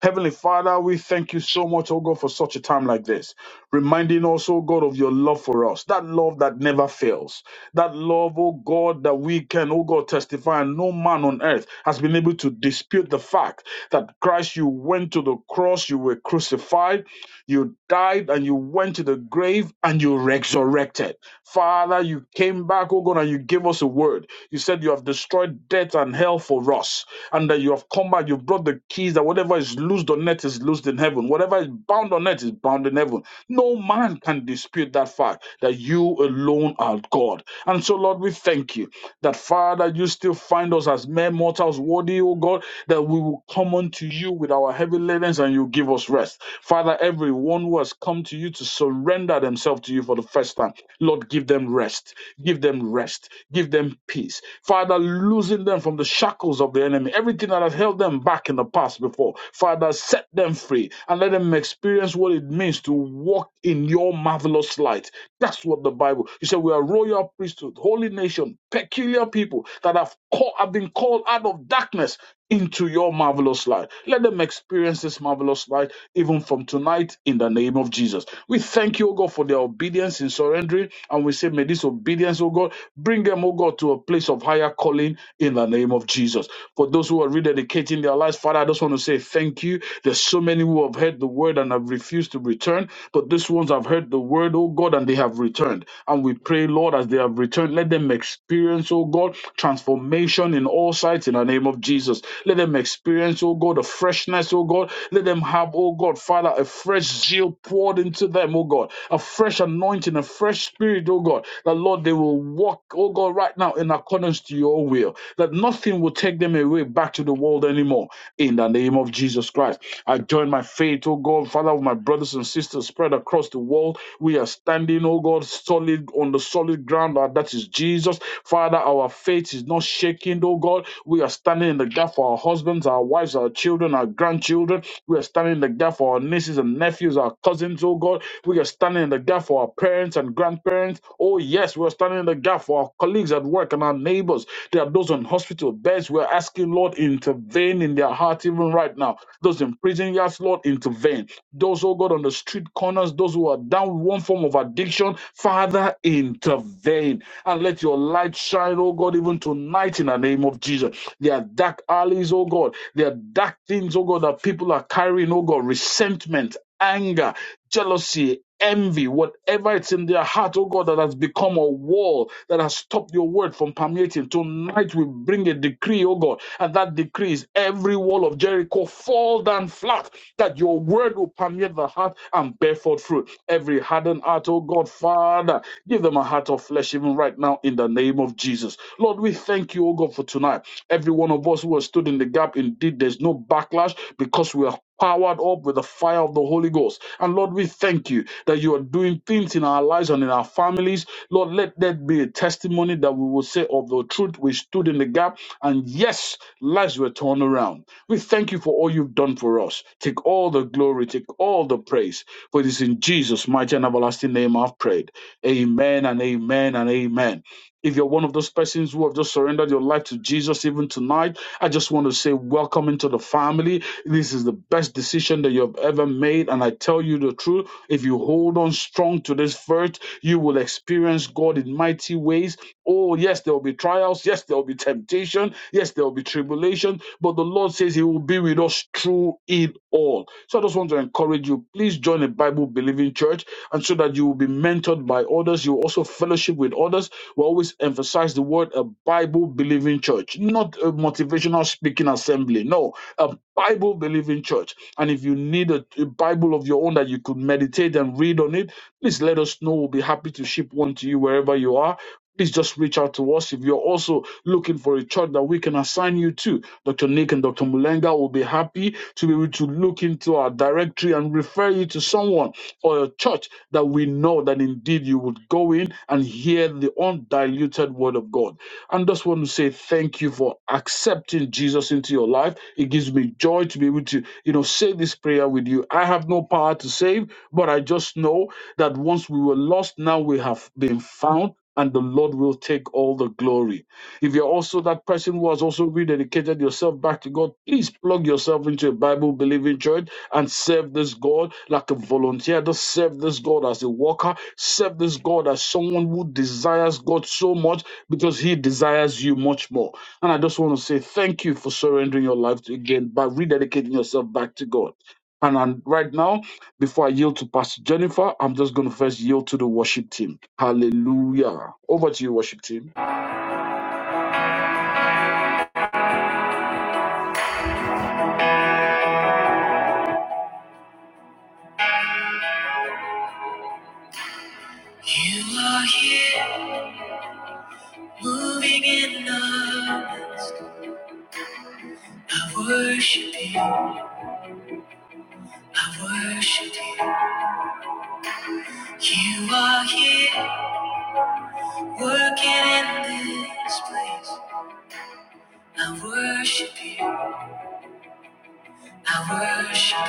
Heavenly Father, we thank you so much, oh God, for such a time like this. Reminding us, oh God, of your love for us. That love that never fails. That love, oh God, that we can, oh God, testify. And no man on earth has been able to dispute the fact that Christ, you went to the cross, you were crucified, you died, and you went to the grave, and you resurrected. Father, you came back, oh God, and you gave us a word. You said you have destroyed death and hell for us, and that you have come back. You brought the keys that whatever is loosed on earth is loosed in heaven. Whatever is bound on earth is bound in heaven. No man can dispute that fact that you alone are God. And so, Lord, we thank you that Father, you still find us as mere mortals worthy, O God, that we will come unto you with our heavy burdens and you give us rest. Father, everyone who has come to you to surrender themselves to you for the first time, Lord, give them rest. Give them rest. Give them peace. Father, loosen them from the shackles of the enemy, everything that has held them back in the past before. Father, set them free and let them experience what it means to walk in your marvelous light. That's what the Bible. You said we are royal priesthood, priesthood, holy nation, peculiar people that have, call, have been called out of darkness into your marvelous light. Let them experience this marvelous light even from tonight in the name of Jesus. We thank you, O God, for their obedience in surrendering, and we say, may this obedience, O God, bring them, O God, to a place of higher calling in the name of Jesus. For those who are rededicating their lives, Father, I just want to say thank you. There's so many who have heard the word and have refused to return, but these ones have heard the word, O God, and they have returned. And we pray, Lord, as they have returned, let them experience, oh God, transformation in all sides in the name of Jesus. Let them experience, oh God, a freshness, oh God. Let them have, oh God, Father, a fresh zeal poured into them, oh God, a fresh anointing, a fresh spirit, oh God. That, Lord, they will walk, oh God, right now in accordance to your will. That nothing will take them away back to the world anymore. In the name of Jesus Christ. I join my faith, oh God, Father, with my brothers and sisters spread across the world we are standing, oh God, solid on the solid ground uh, that is Jesus. Father, our faith is not shaking, oh God. We are standing in the gap for our husbands, our wives, our children, our grandchildren. We are standing in the gap for our nieces and nephews, our cousins, oh God. We are standing in the gap for our parents and grandparents. Oh, yes, we are standing in the gap for our colleagues at work and our neighbors. There are those on hospital beds. We're asking, Lord, intervene in their heart even right now. Those in prison yards, Lord, intervene. Those, oh God, on the street corners, those who are down with one form of addiction, Father, intervene. And let your light shine, oh God, even tonight in the name of Jesus. There are dark alleys, oh God. There are dark things, oh God, that people are carrying, oh God, resentment. Anger, jealousy, envy, whatever it's in their heart, oh God, that has become a wall that has stopped your word from permeating. Tonight we bring a decree, oh God, and that decree is every wall of Jericho fall down flat, that your word will permeate the heart and bear forth fruit. Every hardened heart, oh God, Father, give them a heart of flesh even right now in the name of Jesus. Lord, we thank you, oh God, for tonight. Every one of us who has stood in the gap trap. Indeed, there's no backlash because we are powered up with the fire of the Holy Ghost. And Lord, we thank you that you are doing things in our lives and in our families. Lord, let that be a testimony that we will say of the truth. We stood in the gap, and yes, lives were turned around. We thank you for all you've done for us. Take all the glory, take all the praise. For it is in Jesus' mighty and everlasting name I've prayed. Amen and amen and amen. If you're one of those persons who have just surrendered your life to Jesus even tonight, I just want to say welcome into the family. This is the best decision that you have ever made. And I tell you the truth, if you hold on strong to this verse, you will experience God in mighty ways Oh, yes, there will be trials. Yes, there will be temptation. Yes, there will be tribulation. But the Lord says He will be with us through it all. So I just want to encourage you please join a Bible believing church and so that you will be mentored by others. You will also fellowship with others. We always emphasize the word a Bible believing church, not a motivational speaking assembly. No, a Bible believing church. And if you need a, a Bible of your own that you could meditate and read on it, please let us know. We'll be happy to ship one to you wherever you are please just reach out to us. If you're also looking for a church that we can assign you to, Dr. Nick and Dr. Mulenga will be happy to be able to look into our directory and refer you to someone or a church that we know that indeed you would go in and hear the undiluted word of God and just want to say thank you for accepting Jesus into your life. It gives me joy to be able to, you know, say this prayer with you. I have no power to save, but I just know that once we were lost, now we have been found, and the Lord will take all the glory. If you're also that person who has also rededicated yourself back to God, please plug yourself into a Bible believing church and serve this God like a volunteer. Just serve this God as a worker. Serve this God as someone who desires God so much because he desires you much more. And I just want to say thank you for surrendering your life to, again by rededicating yourself back to God. And I'm, right now, before I yield to Pastor Jennifer, I'm just going to first yield to the worship team. Hallelujah. Over to you, worship team.
are here, moving in numbers. I worship you, I worship you. You are here, working in this place. I worship you, I worship you.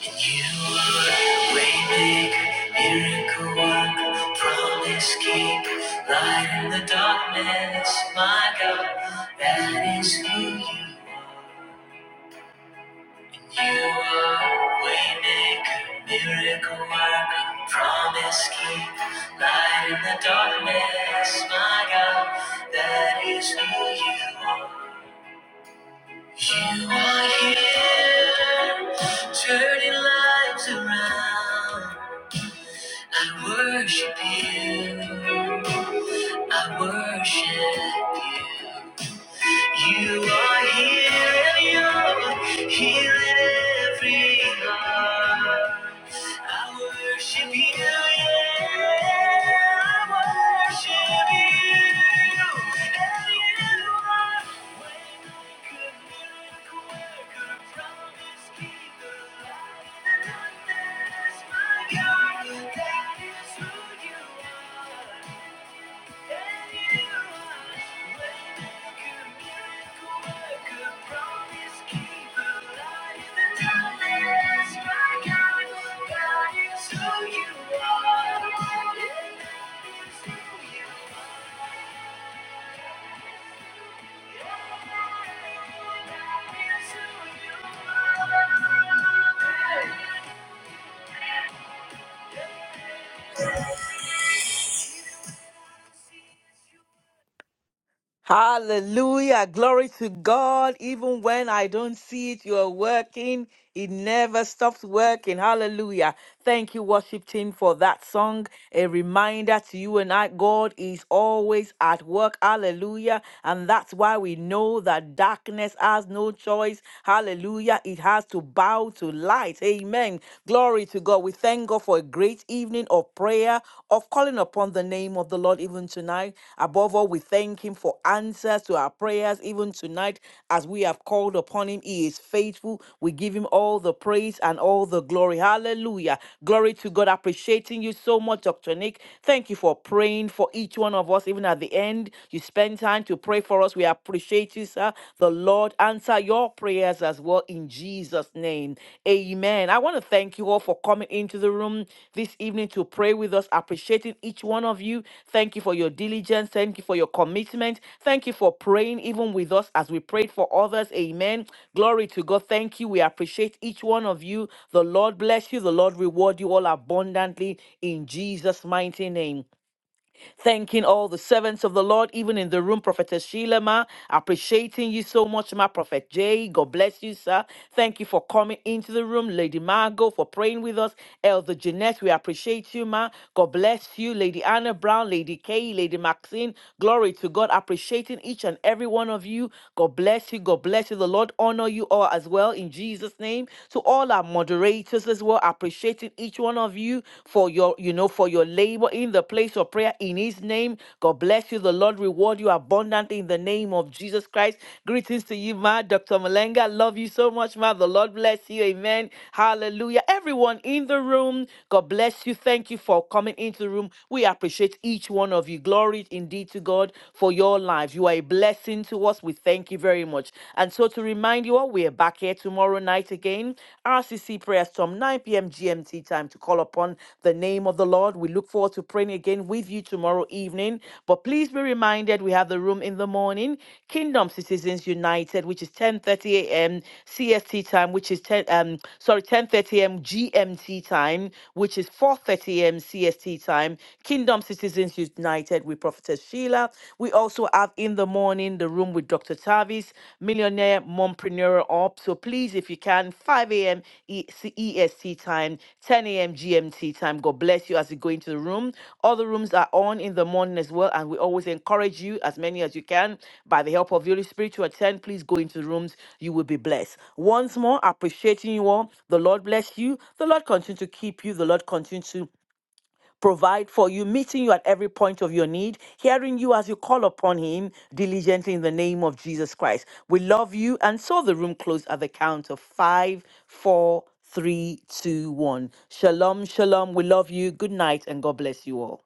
You are waymaker, miracle worker, promise keeper, light in the darkness, my God, that is who you. are. You are waymaker, miracle worker, promise keeper, light in the darkness, my God, that is who you are. You are here, turning lives around. I worship you. I worship you. You are here and you're healing every heart. I worship you, yeah. I worship you. And you are waymaker, miracle worker, promise keeper, light in the darkness, my God. That is who you are. Who you are. and that is who you are.
Hallelujah. Glory to God. Even when I don't see it, you're working. It never stops working. Hallelujah. Thank you, worship team, for that song. A reminder to you and I, God is always at work. Hallelujah. And that's why we know that darkness has no choice. Hallelujah. It has to bow to light. Amen. Glory to God. We thank God for a great evening of prayer, of calling upon the name of the Lord even tonight. Above all, we thank Him for answers to our our prayers, even tonight, as we have called upon him. He is faithful. We give him all the praise and all the glory. Hallelujah. Glory to God. Appreciating you so much, Dr. Nick. Thank you for praying for each one of us, even at the end. You spend time to pray for us. We appreciate you, sir. The Lord answer your prayers as well in Jesus' name. Amen. I want to thank you all for coming into the room this evening to pray with us, appreciating each one of you. Thank you for your diligence. Thank you for your commitment. Thank you for praying even with us as we prayed for others. Amen. Glory to God. Thank you. We appreciate each one of you. The Lord bless you. The Lord reward you all abundantly in Jesus' mighty name. Thanking all the servants of the Lord, even in the room, Prophetess Sheila, ma. Appreciating you so much, ma. Prophet Jay, God bless you, sir. Thank you for coming into the room, Lady Margot, for praying with us. Elder Jeanette, we appreciate you, ma. God bless you, Lady Anna Brown, Lady Kay, Lady Maxine. Glory to God. Appreciating each and every one of you. God bless you. God bless you. The Lord honor you all as well in Jesus' name. To all our moderators as well, appreciate appreciating each one of you for your, you know, for your labor in the place of prayer in his name. God bless you. The Lord reward you abundantly in the name of Jesus Christ. Greetings to you, Ma. Dr. Malenga, love you so much, Ma. The Lord bless you. Amen. Hallelujah. Everyone in the room, God bless you. Thank you for coming into the room. We appreciate each one of you. Glory indeed to God for your lives. You are a blessing to us. We thank you very much. And so to remind remind you all, we're back here tomorrow night again. RCC prayer storm, 9 p.m. GMT time to call upon the name of the Lord. We look forward to praying again with you tomorrow evening. But please be reminded, we have the room in the morning, Kingdom Citizens United, which is 10:30 a.m. CST time, which is 10 um sorry 10:30 a.m. GMT time, which is 4:30 a.m. CST time. Kingdom Citizens United with Prophetess Sheila. We also have in the morning the room with Dr. Tavis, millionaire mompreneur up. So please, if you can, 5 a.m. E- C- EST time, 10 a.m. GMT time. God bless you as you go into the room. Other rooms are on in the morning as well, and we always encourage you, as many as you can, by the help of the Holy Spirit to attend. Please go into the rooms. You will be blessed. Once more, appreciating you all. The Lord bless you. The Lord continue to keep you. The Lord continue to provide for you, meeting you at every point of your need, hearing you as you call upon Him diligently in the name of Jesus Christ. We love you. And so the room closed at the count of five, four, three, two, one. Shalom, shalom. We love you. Good night, and God bless you all.